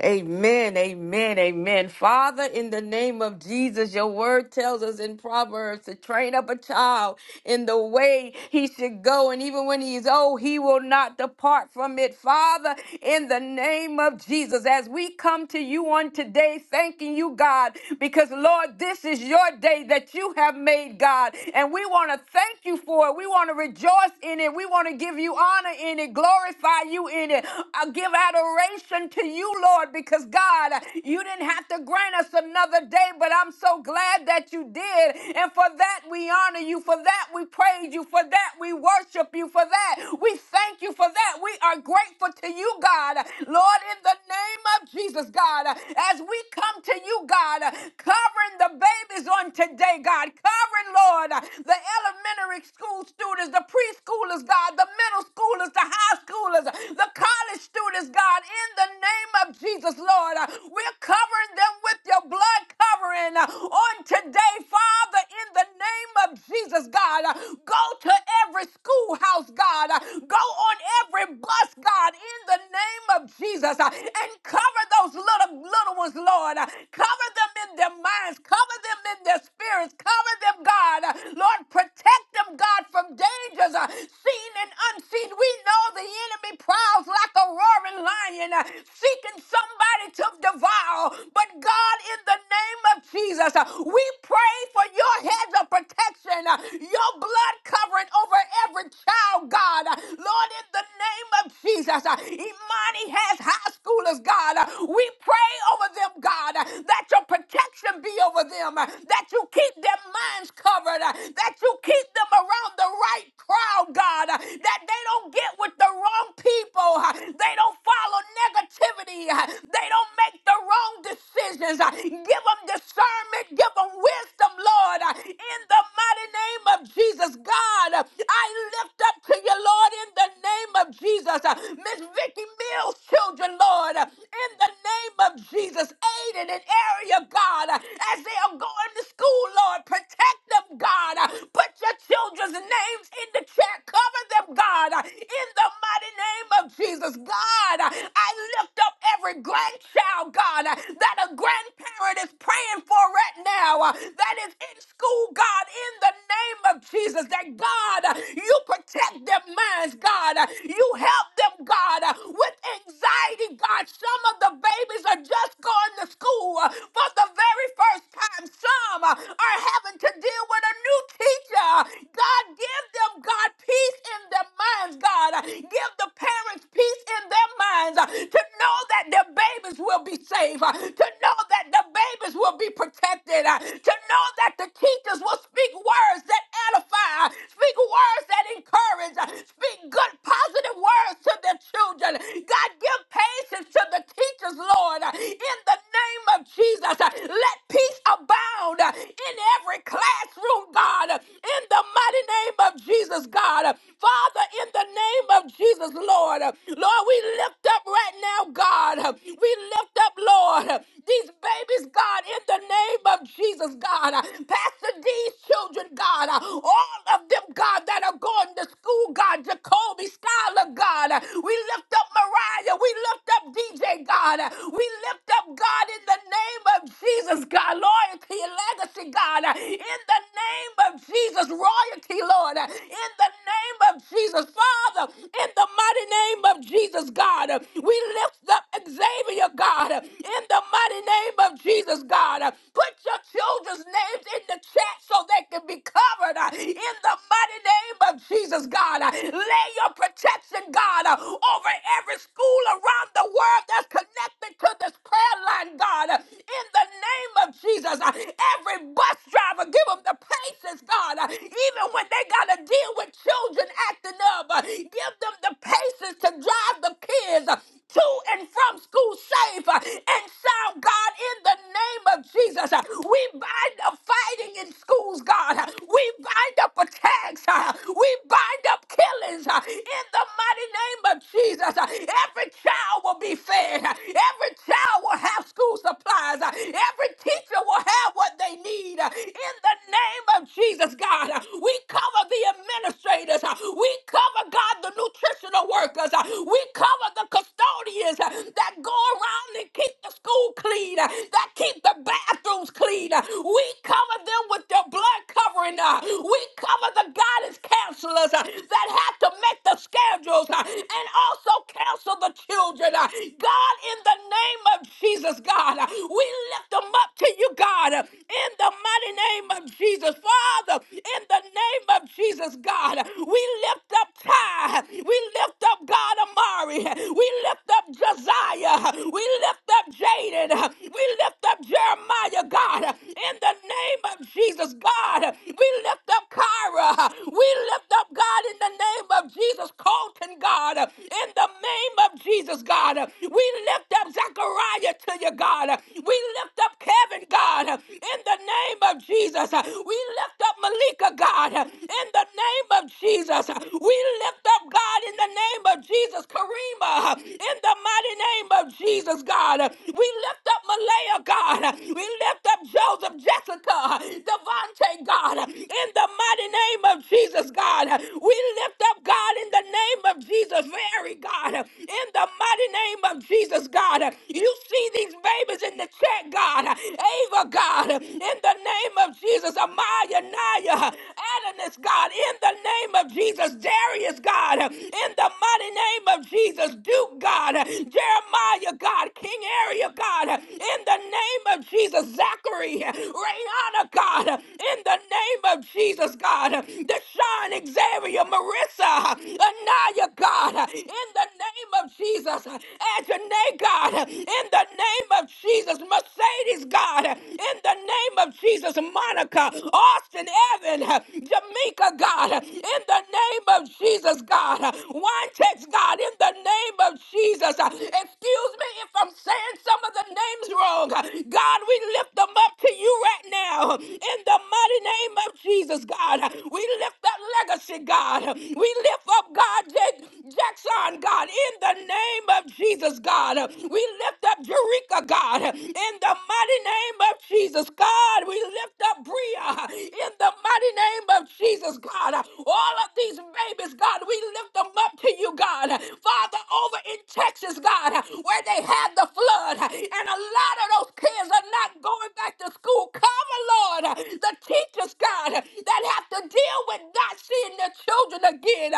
Speaker 1: Amen, amen, amen. Father, in the name of Jesus, your word tells us in Proverbs to train up a child in the way he should go, and even when he is old, he will not depart from it. Father, in the name of Jesus, as we come to you on today, thanking you, God, because Lord, this is your day that you have made, God, and we want to thank you for it. We want to rejoice in it. We want to give you honor in it, glorify you in it, uh, give adoration to you, Lord, because God, you didn't have to grant us another day, but I'm so glad that you did. And for that, we honor you. For that, we praise you. For that, we worship you. For that, we thank you. For that, we are grateful to you, God. Lord, in the name of Jesus, God, as we come to you, God, covering the babies on today, God, covering, Lord, the elementary school students, the preschoolers, God, the middle schoolers, the high schoolers, the college students, God, in the name name of Jesus, Lord. Uh, We're covering them with your blood covering uh, on today, Father, in the name of Jesus, God. Uh, Go to every schoolhouse, God. Uh, Go on every bus, God, in the name of Jesus, uh, and cover those little little ones, Lord. Uh, Cover them in their minds, cover them in their spirits, cover them, God. Uh, Lord, protect them, God, from dangers uh, seen and unseen. We know the enemy prowls like a roaring lion, uh, seeking seeking somebody to devour. But God, in the name of Jesus, uh, we pray for your hedge of protection, uh, your blood covering over every child, God. Uh, Lord, in the name of Jesus, uh, Imani has high schoolers, God. Uh, We pray over them, God, uh, that your protection be over them, uh, that you keep their minds covered, uh, that you keep them around the right crowd, God, uh, that they don't get with the wrong people, uh, they don't follow negativity negativity. Uh, They don't make the wrong decisions. Uh, Give them discernment. Give them wisdom, Lord. Uh, In the mighty name of Jesus, God, uh, I lift up to you, Lord, in the name of Jesus. Uh, Miss Vicky Mills' children, Lord, uh, in the name of Jesus, aid in an area, God, uh, as they are going to school, Lord, protect them, God. Uh, Put your children's names in the chat. Cover them, God, uh, in the mighty name of Jesus. God, I lift up every grandchild, God, uh, that a grandparent is praying for right now, uh, that is in school, God, in the name of Jesus, that God, uh, you protect their minds, God, uh, you help them, God, uh, with anxiety, God. Some of the babies are just going to school uh, for the very first time. Some uh, are having to deal with a new teacher. God, give them, God, peace in their minds, God. Give the parents peace in their minds to know that their babies will be saved, uh, to know that the babies will be protected, uh, to know that the teachers will speak words that edify, uh, speak words that encourage, uh, speak good, positive words to their children. God, give patience to the teachers, Lord, uh, in the name of Jesus. Uh, Let peace abound uh, in every classroom, God, uh, in the mighty name of Jesus, God. Uh, Father, in the name of Jesus, Lord, uh, Lord, we lift up right now, God. We lift up, Lord, these babies, God, in the name of Jesus, God. Pastor D's children, God. All of them, God, that are going to school, God. Jacoby, Skylar, God. We lift up Mariah. We lift up DJ, God. We lift up, God, in the name of Jesus, God. Loyalty and legacy, God. In the name of Jesus, royalty, Lord. In the name of Jesus, Father. In the mighty name of Jesus, God. We lift up Xavier, God, in the mighty name of Jesus, God. Put your children's names in the chat so they can be covered uh, in the mighty name of Jesus, God. Lay your protection, God, uh, over every school around the world that's connected to this prayer line, God. In the name of Jesus, uh, every bus driver, give them the patience, God. Uh, Even when they got to deal with children acting up, uh, give them the patience to drive the kids is uh, to and from school safe uh, and sound, God, in the name of Jesus. Uh, We bind up fighting in schools, God. Uh, We bind up attacks. uh, We bind up killings uh, in the mighty name of Jesus. Uh, Every child will be fed. Uh, Every child will have school supplies. Uh, Every teacher will have what they need. Uh, In the name of Jesus, God, uh, we cover the administrators. Uh, We cover, God, the nutritional workers. Uh, We cover of the custodians uh, that go around and keep the school clean, uh, that keep the bathrooms clean. uh, We cover them with their blood covering. uh, We cover the guidance counselors uh, that have to make the schedules uh, and also counsel the children. uh, God, in the name of Jesus, God, uh, we lift them up to you, God, uh, in the mighty name of Jesus. Father, in the name of Jesus, God, uh, we lift up Ty. We lift up God Amari glory. We lift up Josiah. We lift up Jaden. We lift up Jeremiah, God. In the name of Jesus, God. We lift up Kyra. We lift up, God, in the name of Jesus, Colton, God. In the name of Jesus, God. We lift up Zechariah to you, God. We lift up Kevin, God. In the name of Jesus. We lift up Malika, God. In the name of Jesus. We lift up, God, in the name of Jesus, Rima, in the mighty name of Jesus, God. We lift up Malaya, God. We lift up Joseph, Jessica, Devontae, God. In the mighty name of Jesus, God. We lift up, God, in the name of Jesus, Mary, God. In the mighty name of Jesus, God. You see these babies in the chat, God. Ava, God. In the name of Jesus, Amaya, Naya, Adonis, God. In the name of Jesus, Darius, God. In the mighty name of of Jesus, Duke God, Jeremiah God, King Area God, in the name of Jesus, Zachary, Rayana God, in the name of Jesus God, Deshaun, Xavier, Marissa, Anaya God, in the name of Jesus, Adonai God, in the name of Jesus, Mercedes God, in the name of Jesus, Monica, Austin, Evan, Jamaica, God, in the name of Jesus, God. One text, God, in the name of Jesus. Excuse me if I'm saying some of the names wrong. God, we lift them up to you right now. In the mighty name of Jesus, God. We lift that legacy, God. We lift up God Jake Jackson, God, in the name of Jesus, God. We lift up Jerika, God, in the mighty name of Jesus, God. God, we lift up Bria in the mighty name of Jesus, God. All of these babies, God, we lift them up to you, God. Father, over in Texas, God, where they had the flood, and a lot of those kids are not going back to school. Cover, Lord, the teachers, God, that have to deal with not seeing their children again.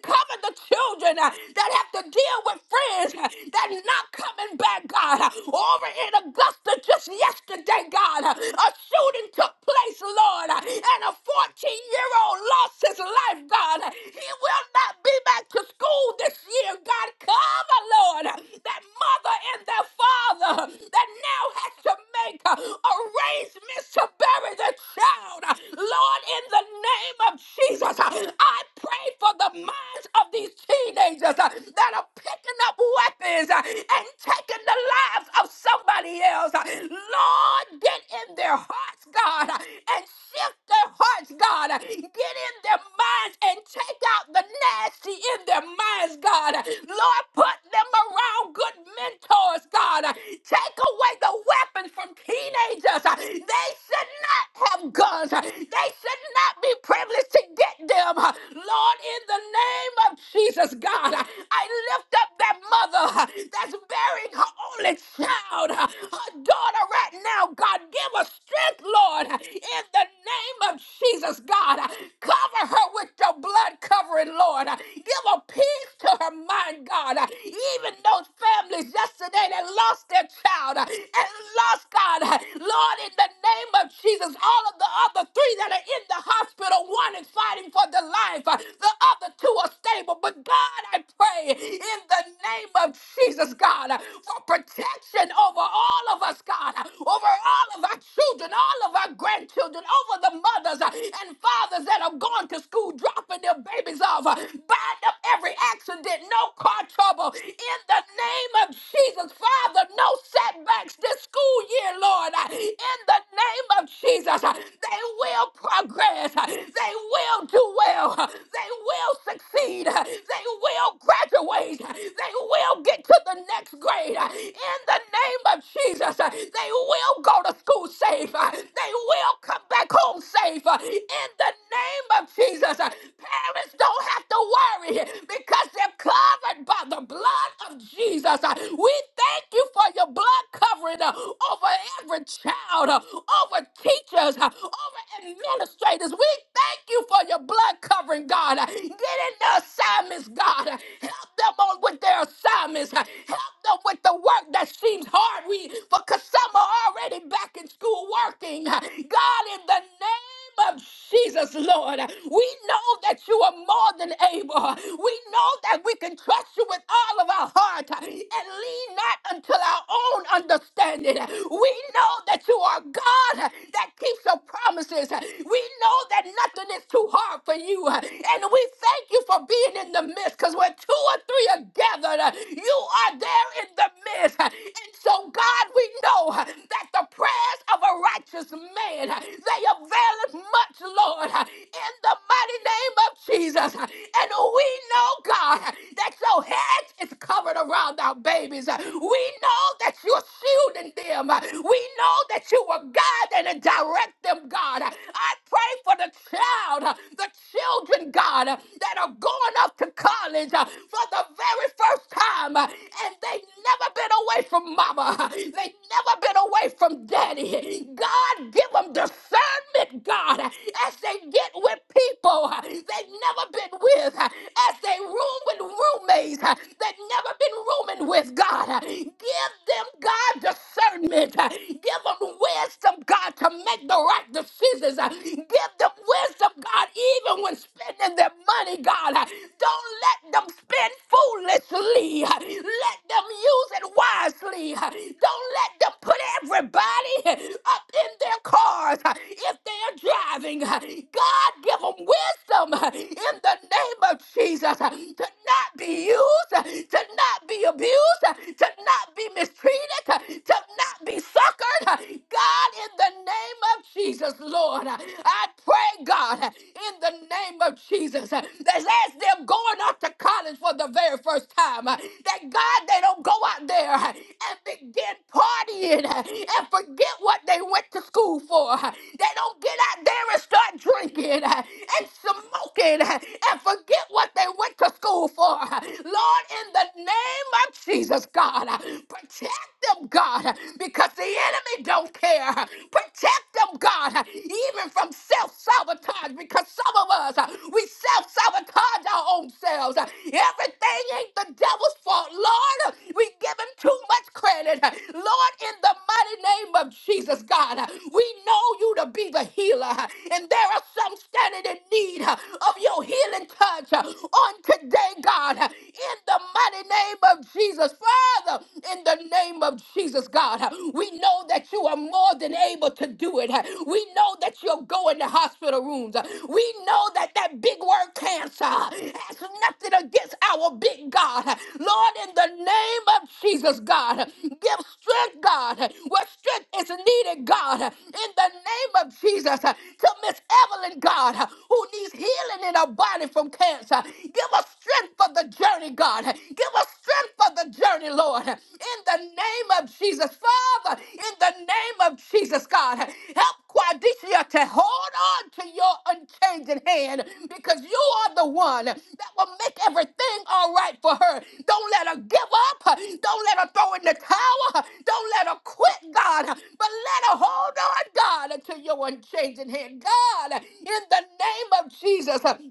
Speaker 1: Cover the children that have to deal with friends that not coming back, God. Over in Augusta, just yesterday, God, a shooting took place, Lord, and a 14 year old lost his life, God. He will not be back to school this year, God. Cover, Lord, that mother and their father that now has to make arrangements to bury the child. Lord, in the name of Jesus, I pray for the minds of these teenagers that are picking up weapons and taking the lives of somebody else. Lord, get in their hearts, God, and shift their hearts, God. Get in their minds and take out the nasty in their minds, God. Lord, put them around good mentors, God. Take away the weapons from teenagers. They should not have guns. They should not be privileged to get them. Lord, in the name of Jesus, God, I lift up that mother uh, that's bearing her only child, uh, her daughter, right now. God, give her strength, Lord, in the name of Jesus, God. Uh, Cover her with your blood covering, Lord. Uh, Give her peace to her mind, God. Uh, Even those families yesterday that lost their child uh, and lost God, uh, Lord, in the name of Jesus, all of the other three that are in the hospital, one is fighting for their life, uh, the other two are stable. But God, I pray pray in the name of Jesus, God, for protection over all of us, God, over all of our children, all of our grandchildren, over the mothers and fathers that have gone to school dropping their babies off. Bind up every accident, no car trouble. In the name of Jesus, Father, no setbacks this school year, Lord. In the name of Jesus, they will progress. They will do well. They will succeed succeed. They will graduate. uh, They will get to the next grade. uh, In the name of Jesus, uh, they will go to school safe. uh, They will come back home safe. uh, In the name of Jesus, uh, parents don't have to worry because they're covered by the blood of Jesus. uh, We thank you for your blood covering uh, over every child, uh, over teachers, uh, over administrators. We thank you for your blood blood covering, God. Get in the assignments, God. Help them on with their assignments. Help them with the work that seems hard. We because some are already back in school working. God, in the name of Jesus, Lord. We know that you are more than able. We know that we can trust you with all of our heart and lean not until our own understanding. We know that you are God that keeps your promises. We know that nothing is too hard for you. uh, And we thank you for being in the midst because when two or three are gathered, uh, you are there in the midst. uh, And so, God, we know uh, that the prayers of a righteous man, uh, they avail us much, Lord, uh, in the mighty name of Jesus. uh, And we know, God, uh, that your hedge is covered around our babies. uh, We know that you're shielding them. uh, We know that you are guiding and directing direct them, God. I pray for the child, uh, the children, God, uh, that are going off to college uh, for the very first time, uh, and they never been away from mama. They never been away from daddy. God, give them discernment, God, as they get with people uh, they've never been with, uh, as they room with roommates uh, they've never been rooming with, God. Give them, God, discernment. Give Give them wisdom, God, to make the right decisions. Uh, Give them wisdom, God, even when spending their money, God. Uh, Don't let them spend foolishly. Uh, Let them use it wisely. Uh, Don't let them put everybody uh, up in their cars uh, if they are driving. Uh, God, God, give them wisdom in the name of Jesus to not be used, to not be abused, to not be mistreated, to not be suckered. God, in the name of Jesus, Lord, I pray, God, in the name of Jesus, that as they're going off to college for the very first time, that God, they don't go out there and begin partying and forget what they went to school for. They don't get out there parents start drinking uh, and smoking uh, and forget what they went to school for. uh, Lord, in the name of Jesus, God, uh, protect them, God, uh, because the enemy don't care. uh, Protect them, God, uh, even from self sabotage, because some of us, uh, we self sabotage our own selves. Everything ain't the devil's fault. Lord, we give him too much credit. Lord, in the mighty name of Jesus, God, we know you to be the healer. And there are some standing in need of your healing touch on today, God, in the mighty name of Jesus. Father, in the name of Jesus, God, we know that you are more than able to do it. We know that you're going to hospital rooms. We know that that big word cancer has nothing against our big God. Lord, in the name of Jesus, God, give strength, God, where strength is needed, God, in the name of Jesus, to Miss Evelyn, God, who needs healing in her body from from cancer. Give us strength for the journey, God. Give us strength for the journey, Lord. In the name of Jesus, Father, in the name of Jesus, God, help Quadisha to hold on to your unchanging hand because you are the one that will make everything all right for her. Don't let her give up. Don't let her throw in the towel. Don't let her quit, God, but let her hold on, God, to your unchanging hand. God, in the name of Jesus,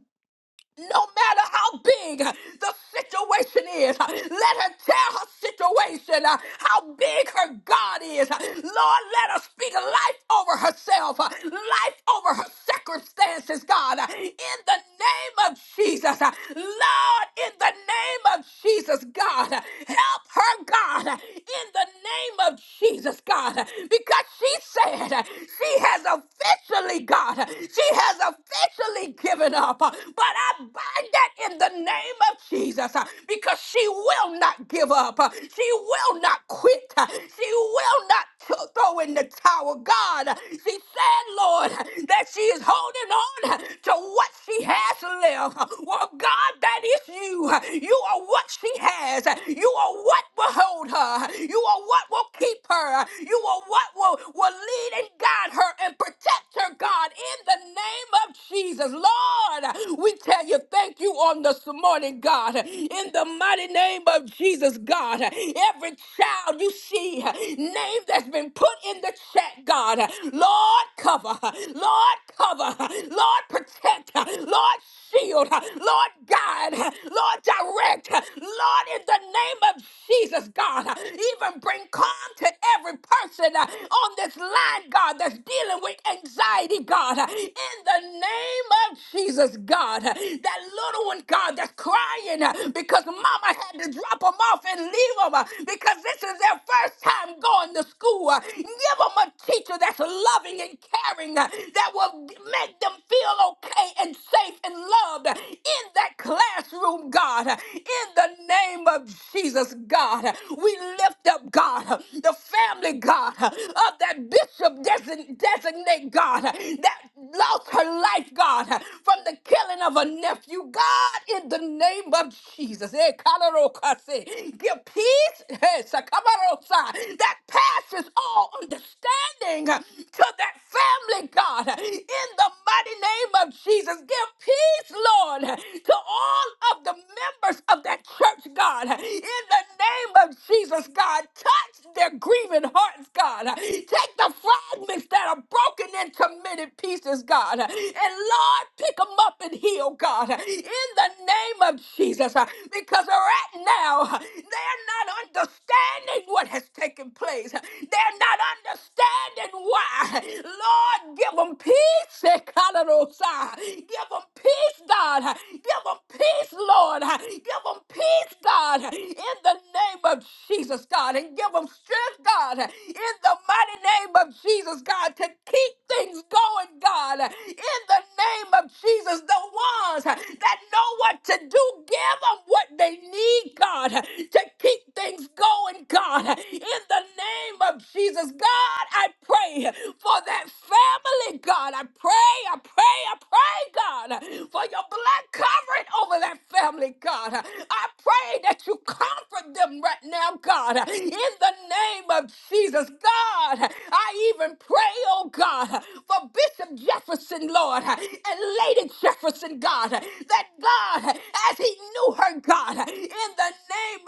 Speaker 1: no matter how big uh, the situation is, uh, let her tell her situation uh, how big her God is. Uh, Lord, let her speak life over herself, uh, life over her circumstances, God. Uh, In the name of Jesus, uh, Lord, in the name of Jesus, God, uh, help her, God, uh, in the name of Jesus, God, uh, because she said uh, she has officially, God, uh, she has officially given up. uh, But I bind that in the name of Jesus uh, because she will not give up. uh, She will not quit. uh, She will not th- throw in the towel. God, she said, Lord, that she is holding on to what she has left. Well, God, that is you. You are what she has. You are what will hold her. You are what will keep her. You are what will, will lead and guide her and protect better, God, in the name of Jesus. Lord, we tell you thank you on this morning, God, in the mighty name of Jesus, God. Every child you see, name that's been put in the chat, God, Lord, cover, Lord, cover, Lord, protect, Lord, shield, Lord, guide, Lord, direct, Lord, in the name of Jesus, God, even bring calm to every person, uh, on this line, God, that's dealing with anxiety, God, uh, in the name of Jesus, God, uh, that little one, God, that's crying uh, because mama had to drop them off and leave them because this is their first time going to school. uh, Give them a teacher that's loving and caring uh, that will make them feel okay and safe and loved uh, in that classroom, God, uh, in the name of Jesus, God. uh, We we lift up, God, the family, God, of that bishop design- designate, God, that lost her life, God, from the killing of a nephew. God, in the name of Jesus, eh, kalarokase, give peace eh, sakamarosa, that passes all understanding to that family, God, in the mighty name of Jesus. Give peace, Lord, to all of the members of that church, God. In the name of Jesus, God, touch their grieving hearts, God. Take the fragments that are broken into many pieces, God. And Lord, pick them up and heal, God. In the name of Jesus, because right now, they're not understanding what has taken place. They're not understanding why. Lord, give them peace. Give them peace, God. God. Give them peace, Lord. Give them peace, God, in the name of Jesus, God. And give them strength, God, in the mighty name of Jesus, God, to keep things going, God, in the name of Jesus. The ones that know what to do, give them what they need, God, to keep things going, God, in the name of Jesus. God, I pray for that family, God. I pray, I pray, I pray, God, for your blood covering over that family, God. I pray that you comfort them right now, God, in the name of Jesus. God, I even pray, oh God, for Bishop Jefferson, Lord, and Lady Jefferson, God, that God, as he knew her, God, in the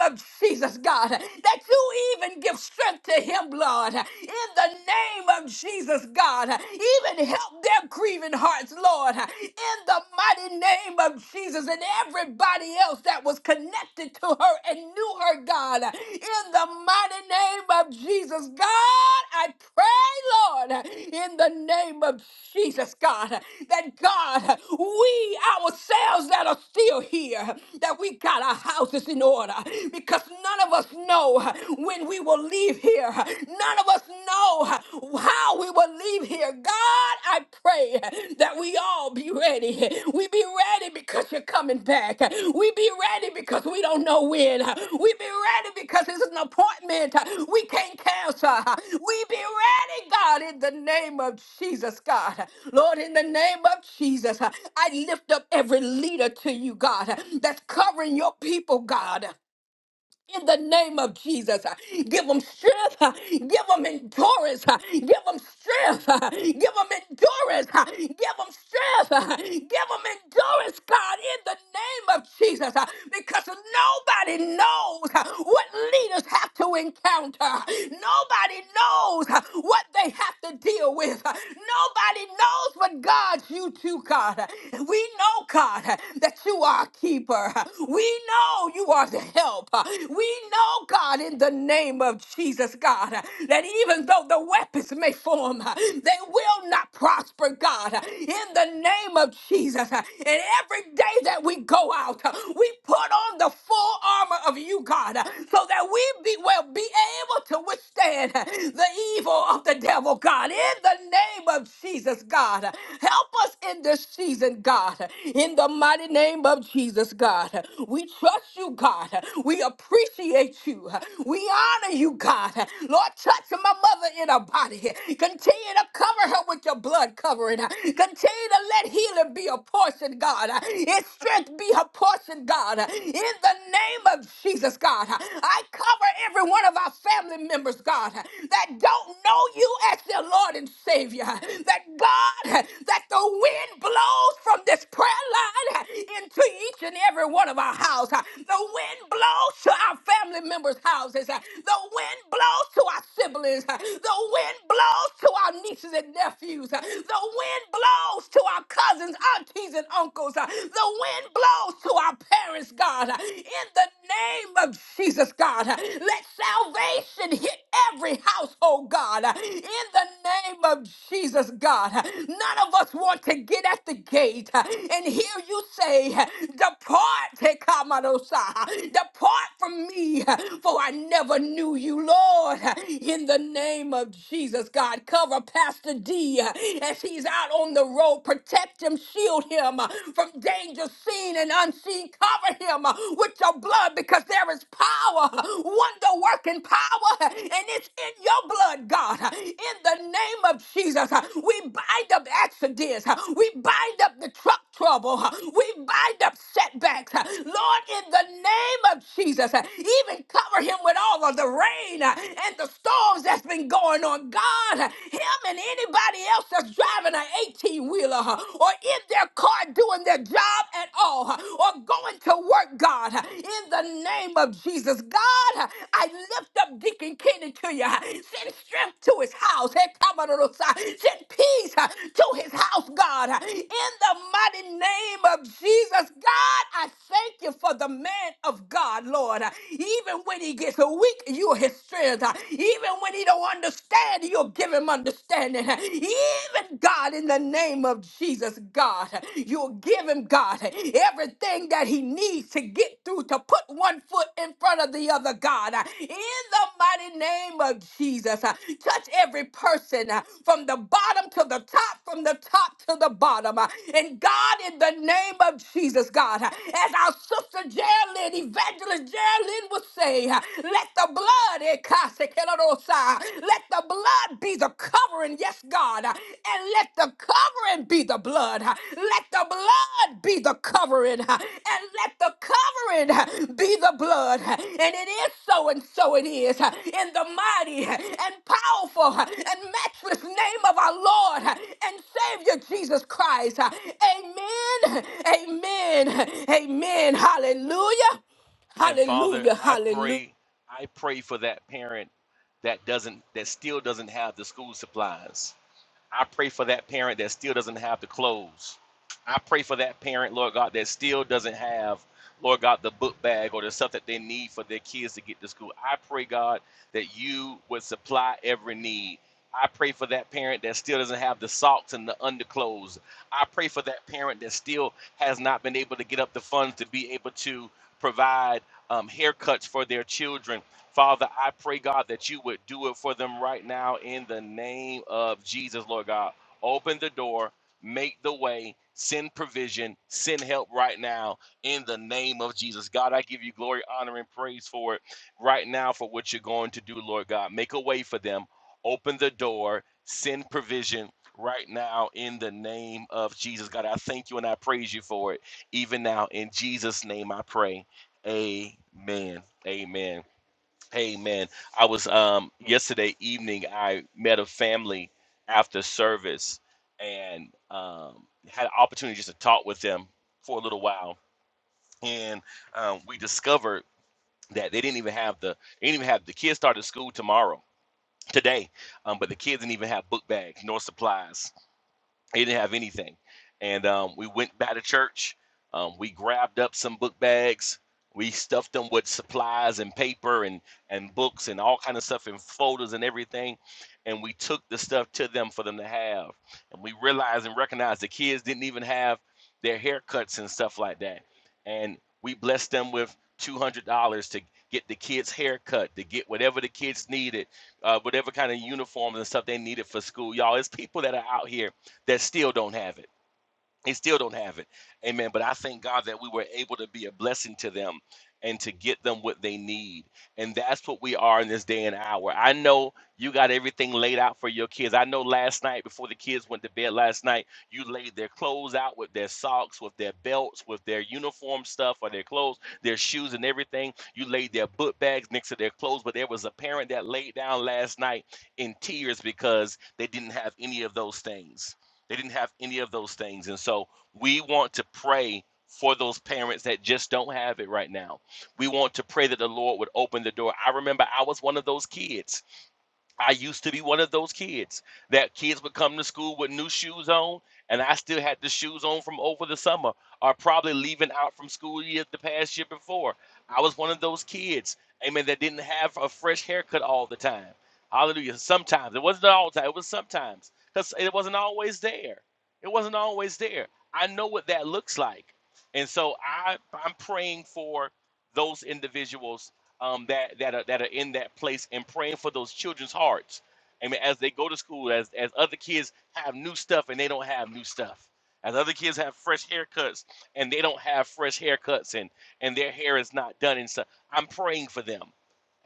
Speaker 1: name of Jesus, God, that you even give strength to him, Lord, in the name of Jesus, God. God. Even help their grieving hearts, Lord, in the mighty name of Jesus and everybody else that was connected to her and knew her, God. In the mighty name of Jesus, God, I pray, Lord, in the name of Jesus, God, that God, we ourselves that are still here, that we got our houses in order because none of us know when we will leave leave here. None of us know how we will leave here. God, I pray that we all be ready. We be ready because you're coming back. We be ready because we don't know when. We be ready because it's an appointment we can't cancel. We be ready, God, in the name of Jesus, God. Lord, in the name of Jesus, I lift up every leader to you, God, that's covering your people, God in the name of Jesus. Give them strength. Give them endurance. Give them strength. Give them endurance. Give them strength. Give them endurance, God, in the name of Jesus. Because nobody knows what leaders have to encounter. Nobody knows what they have to deal with. Nobody knows but God, you too, God. We know, God, that you are a keeper. We know you are the help. We know, God, in the name of Jesus, God, that even though the weapons may form, they will not prosper, God, in the name of Jesus. And every day that we go out, we put on the full armor of you, God, so that we be, will be able to withstand the evil of the devil, God, in the name of Jesus, God. Help us in this season, God, in the mighty name of Jesus, God. We trust you, God. We appreciate appreciate you. We honor you, God. Lord, touch my mother in her body. Continue to cover her with your blood covering. Continue to let healing be a portion, God. Its strength be her portion, God. In the name of Jesus, God, I cover every one of our family members, God, that don't know you as their Lord and Savior. That God, that the wind blows from this prayer line into each and every one of our house. The wind blows blows to our family members' houses. The wind blows to our siblings. The wind blows to our nieces and nephews. The wind blows to our cousins, aunties, and uncles. The wind blows to our parents, God. In the name of Jesus, God, let salvation hit every household, God. In the name of Jesus, God, none of us want to get at the gate and hear you say, Depart, Tekamadosah. depart Depart from me, for I never knew you, Lord. In the name of Jesus, God, cover Pastor D as he's out on the road. Protect him, shield him from danger seen and unseen. Cover him with your blood because there is power, wonder working power, and it's in your blood, God. In the name of Jesus, we bind up accidents, we bind up the truck trouble, we bind up setbacks. Lord, in the name of Jesus. Uh, Even cover him with all of the rain uh, and the storms that's been going on. God, uh, him and anybody else that's driving an 18 wheeler or in their car doing their job at all uh, or going to work, God, uh, in the name of Jesus. God, uh, I lift up Deacon Kenny to you. uh, Send strength to his house. Hey, come on, Lord, uh, Send peace uh, to his house, God, uh, in the mighty name of Jesus. God, I thank you for the man of God. God, Lord. Even when he gets weak, you're his strength. Even when he don't understand, you'll give him understanding. Even God, in the name of Jesus, God, you'll give him, God, everything that he needs to get through to put one foot in front of the other, God. In the mighty name of Jesus, touch every person uh, from the bottom to the top, from the top to the bottom. uh, And God, in the name of Jesus, God, uh, as our sister Geraldine Evangelist Geraldine would say, uh, let the blood, eh, kasekelodosa, let the blood be the covering, yes, God, uh, and let the covering be the blood. uh, Let the blood be the covering, uh, and let the covering uh, be the blood. uh, And it is so, and so it is, uh, in the mighty uh, and powerful uh, and matchless name of our Lord uh, and Savior Jesus Christ. uh, Amen. Amen. Amen. Hallelujah.
Speaker 4: And Father,
Speaker 1: Hallelujah.
Speaker 4: I
Speaker 1: Hallelujah.
Speaker 4: pray, I pray for that parent that doesn't, that still doesn't have the school supplies. I pray for that parent that still doesn't have the clothes. I pray for that parent, Lord God, that still doesn't have, Lord God, the book bag or the stuff that they need for their kids to get to school. I pray, God, that you would supply every need. I pray for that parent that still doesn't have the socks and the underclothes. I pray for that parent that still has not been able to get up the funds to be able to provide um, haircuts for their children. Father, I pray, God, that you would do it for them right now in the name of Jesus, Lord God. Open the door, make the way, send provision, send help right now in the name of Jesus. God, I give you glory, honor, and praise for it right now for what you're going to do, Lord God. Make a way for them, open the door, send provision. Right now, in the name of Jesus, God, I thank you and I praise you for it. Even now, in Jesus' name, I pray. Amen. Amen. Hey man, I was um yesterday evening I met a family after service and um had an opportunity just to talk with them for a little while and um, we discovered that they didn't even have the they didn't even have the kids started school tomorrow today um, but the kids didn't even have book bags nor supplies he didn't have anything. And um, we went back to church. Um, we grabbed up some book bags. We stuffed them with supplies and paper and, and books and all kind of stuff and folders and everything. And we took the stuff to them for them to have. And we realized and recognized the kids didn't even have their haircuts and stuff like that. And we blessed them with $200 to get the kids' haircut, to get whatever the kids needed, uh, whatever kind of uniforms and stuff they needed for school. Y'all, it's people that are out here that still don't have it. They still don't have it. Amen. But I thank God that we were able to be a blessing to them and to get them what they need. And that's what we are in this day and hour. I know you got everything laid out for your kids. I know last night, before the kids went to bed last night, you laid their clothes out with their socks, with their belts, with their uniform stuff, or their clothes, their shoes, and everything. You laid their book bags next to their clothes. But there was a parent that laid down last night in tears because they didn't have any of those things they didn't have any of those things. And so we want to pray for those parents that just don't have it right now. We want to pray that the Lord would open the door. I remember I was one of those kids I used to be one of those kids that kids would come to school with new shoes on, and I still had the shoes on from over the summer, or probably leaving out from school year the past year before. I was one of those kids, amen, that didn't have a fresh haircut all the time. Hallelujah. Sometimes it wasn't all the time, it was sometimes because it wasn't always there. It wasn't always there. I know what that looks like. And so I, I'm praying for those individuals um, that that are, that are in that place and praying for those children's hearts. Amen. As they go to school, as as other kids have new stuff and they don't have new stuff, as other kids have fresh haircuts and they don't have fresh haircuts and and their hair is not done and stuff. I'm praying for them.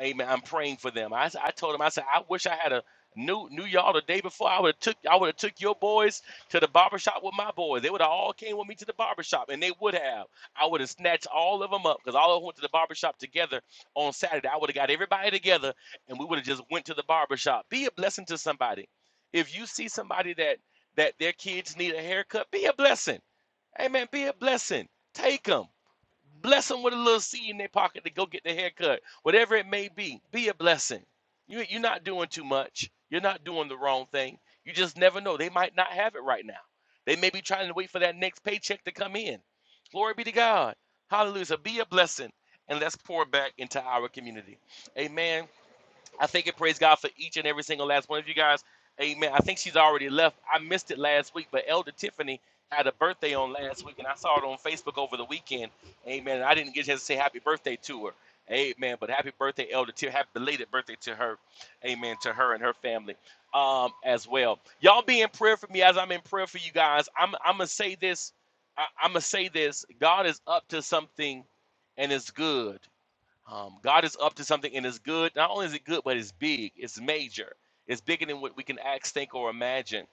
Speaker 4: Amen. I'm praying for them. I, I told him, I said, I wish I had a new knew knew y'all the day before. I would have took I would have took your boys to the barbershop with my boys. They would have all came with me to the barbershop, and they would have. I would have snatched all of them up because all of them went to the barbershop together on Saturday. I would have got everybody together, and we would have just went to the barbershop. Be a blessing to somebody. If you see somebody that that their kids need a haircut, be a blessing. Amen. Be a blessing. Take them. Bless them with a little seed in their pocket to go get their haircut, whatever it may be. Be a blessing. You, you're not doing too much. You're not doing the wrong thing. You just never know. They might not have it right now. They may be trying to wait for that next paycheck to come in. Glory be to God. Hallelujah. So Be a blessing and let's pour back into our community. Amen. I thank and praise God for each and every single last one of you guys. Amen. I think she's already left. I missed it last week, but Elder Tiffany had a birthday on last week, and I saw it on Facebook over the weekend. Amen. And I didn't get a chance to say happy birthday to her. Amen. But happy birthday, Elder Tiffany. Happy belated birthday to her. Amen. To her and her family um, as well. Y'all be in prayer for me as I'm in prayer for you guys. I'm, I'm going to say this. I, I'm going to say this. God is up to something, and it's good. Um, God is up to something and it's good. Not only is it good, but it's big, it's major, it's bigger than what we can ask, think, or imagine.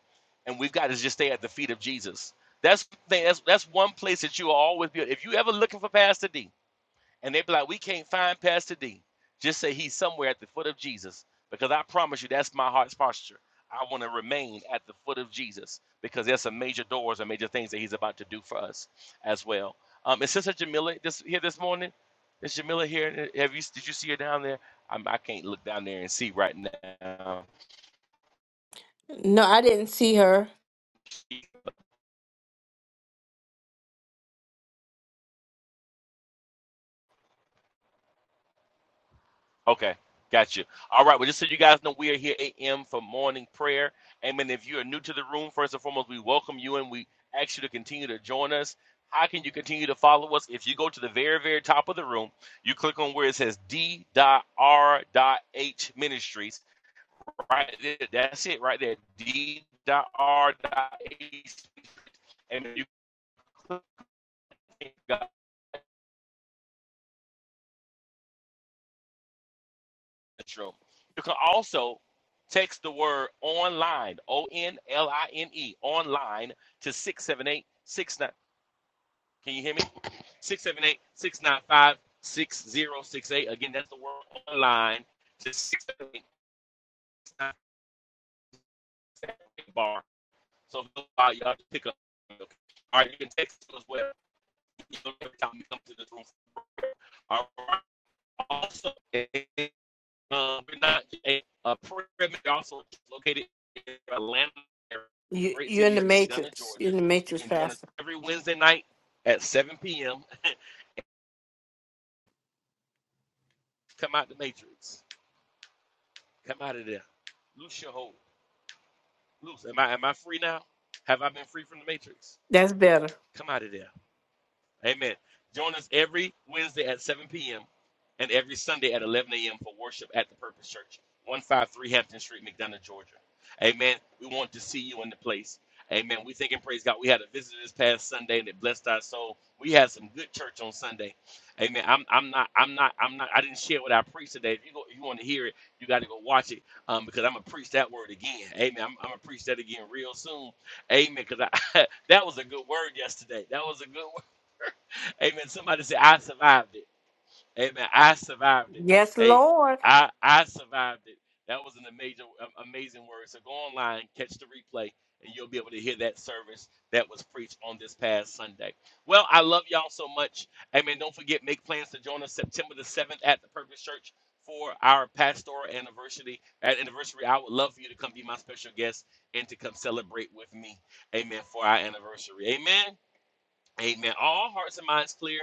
Speaker 4: And we've got to just stay at the feet of Jesus. That's the thing, that's that's one place that you will always be. If you ever looking for Pastor D, and they be like, "We can't find Pastor D." Just say he's somewhere at the foot of Jesus, because I promise you, that's my heart's posture. I want to remain at the foot of Jesus because there's some major doors and major things that He's about to do for us as well. Um, is Sister Jamila this here this morning? Is Jamila here? Have you did you see her down there? I'm, I can't look down there and see right now.
Speaker 1: No, I didn't see her.
Speaker 4: She's Okay, got you. All right, well, just so you guys know, we are here 8 a.m. for morning prayer. Amen. If you are new to the room, first and foremost, we welcome you and we ask you to continue to join us. How can you continue to follow us? If you go to the very, very top of the room, you click on where it says D.R.H Ministries. Right there. That's it right there. D.R.H. And you click on this room. You can also text the word online, O N L I N E, online to six seven eight six nine. Can you hear me? 678 695 6068. Again, that's the word online to 678 bar. So if you uh, y'all just pick up. All right, you can text us as well. You know, every time you come to this room. All right. Also, Um, we're not a, a prayer also located in Atlanta,
Speaker 1: You,
Speaker 4: great
Speaker 1: you're in
Speaker 4: city of
Speaker 1: the
Speaker 4: McDonough,
Speaker 1: matrix.
Speaker 4: Georgia.
Speaker 1: You're in the
Speaker 4: You
Speaker 1: matrix,
Speaker 4: can join us
Speaker 1: Pastor.
Speaker 4: every Wednesday night at 7 p.m. Come out the matrix. Come out of there. Loose your hold. Loose. Am I am I free now? Have I been free from the matrix?
Speaker 1: That's better.
Speaker 4: Come out of there. Amen. Join us every Wednesday at 7 p.m. and every Sunday at 11 a.m. for worship at the Purpose Church, 153 Hampton Street, McDonough, Georgia. Amen. We want to see you in the place. Amen. We thank and praise God. We had a visit this past Sunday and it blessed our soul. We had some good church on Sunday. Amen. I'm, I'm not, I'm not, I'm not, I didn't share what I preached today. If you go, if you want to hear it, you got to go watch it um, because I'm going to preach that word again. Amen. I'm, I'm going to preach that again real soon. Amen. Because I, that was a good word yesterday. That was a good Amen. Somebody say, I survived it. Amen. I survived it.
Speaker 1: Yes,
Speaker 4: Hey,
Speaker 1: Lord.
Speaker 4: I I survived it. That was an amazing a- amazing word. So go online, catch the replay, and you'll be able to hear that service that was preached on this past Sunday. Well, I love y'all so much. Amen. Don't forget, make plans to join us September the 7th at the Purpose Church for our pastoral anniversary. At anniversary, I would love for you to come be my special guest and to come celebrate with me. Amen. For our anniversary. Amen. Amen. All hearts and minds clear.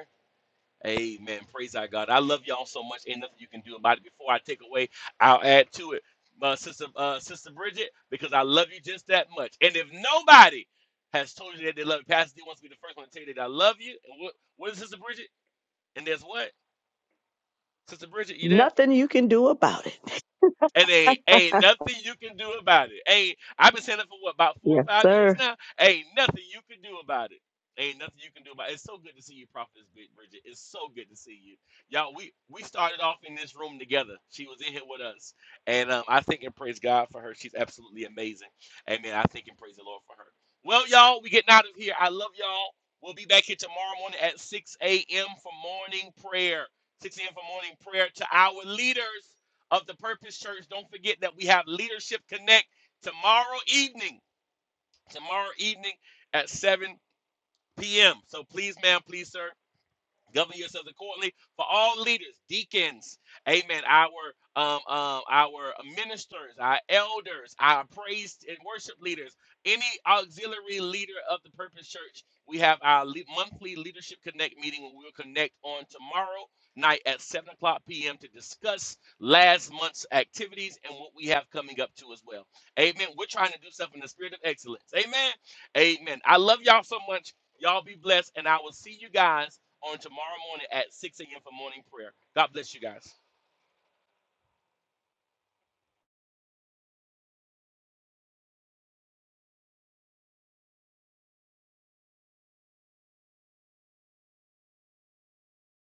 Speaker 4: Amen. Praise our God. I love y'all so much. Ain't nothing you can do about it. Before I take away, I'll add to it, uh, sister, uh, sister Bridget, because I love you just that much. And if nobody has told you that they love you, Pastor D wants to be the first one to tell you that I love you. And what, what is sister Bridget? And there's what? Sister Bridget, you there?
Speaker 6: Nothing you can do about it.
Speaker 4: And ain't, ain't nothing you can do about it. Ain't I've been saying it for what about four or
Speaker 6: Yes,
Speaker 4: five years
Speaker 6: sir.
Speaker 4: now? Ain't nothing you can do about it. Ain't nothing you can do about it. It's so good to see you, Prophetess Big Bridget. It's so good to see you. Y'all, we we started off in this room together. She was in here with us. And um, I think and praise God for her. She's absolutely amazing. Amen. I think and praise the Lord for her. Well, y'all, we getting out of here. I love y'all. We'll be back here tomorrow morning at 6 a.m. for morning prayer. 6 a.m. for morning prayer to our leaders of the Purpose Church. Don't forget that we have Leadership Connect tomorrow evening. Tomorrow evening at 7 p.m. So please, ma'am, please, sir, govern yourselves accordingly for all leaders deacons amen our um, um our ministers our elders our praise and worship leaders any auxiliary leader of the purpose church we have our le- monthly leadership connect meeting and we'll connect on tomorrow night at 7 o'clock p.m to discuss last month's activities and what we have coming up to as well amen we're trying to do stuff in the spirit of excellence amen amen i love y'all so much y'all be blessed and i will see you guys on tomorrow morning at 6 a.m. for morning prayer. God bless you guys.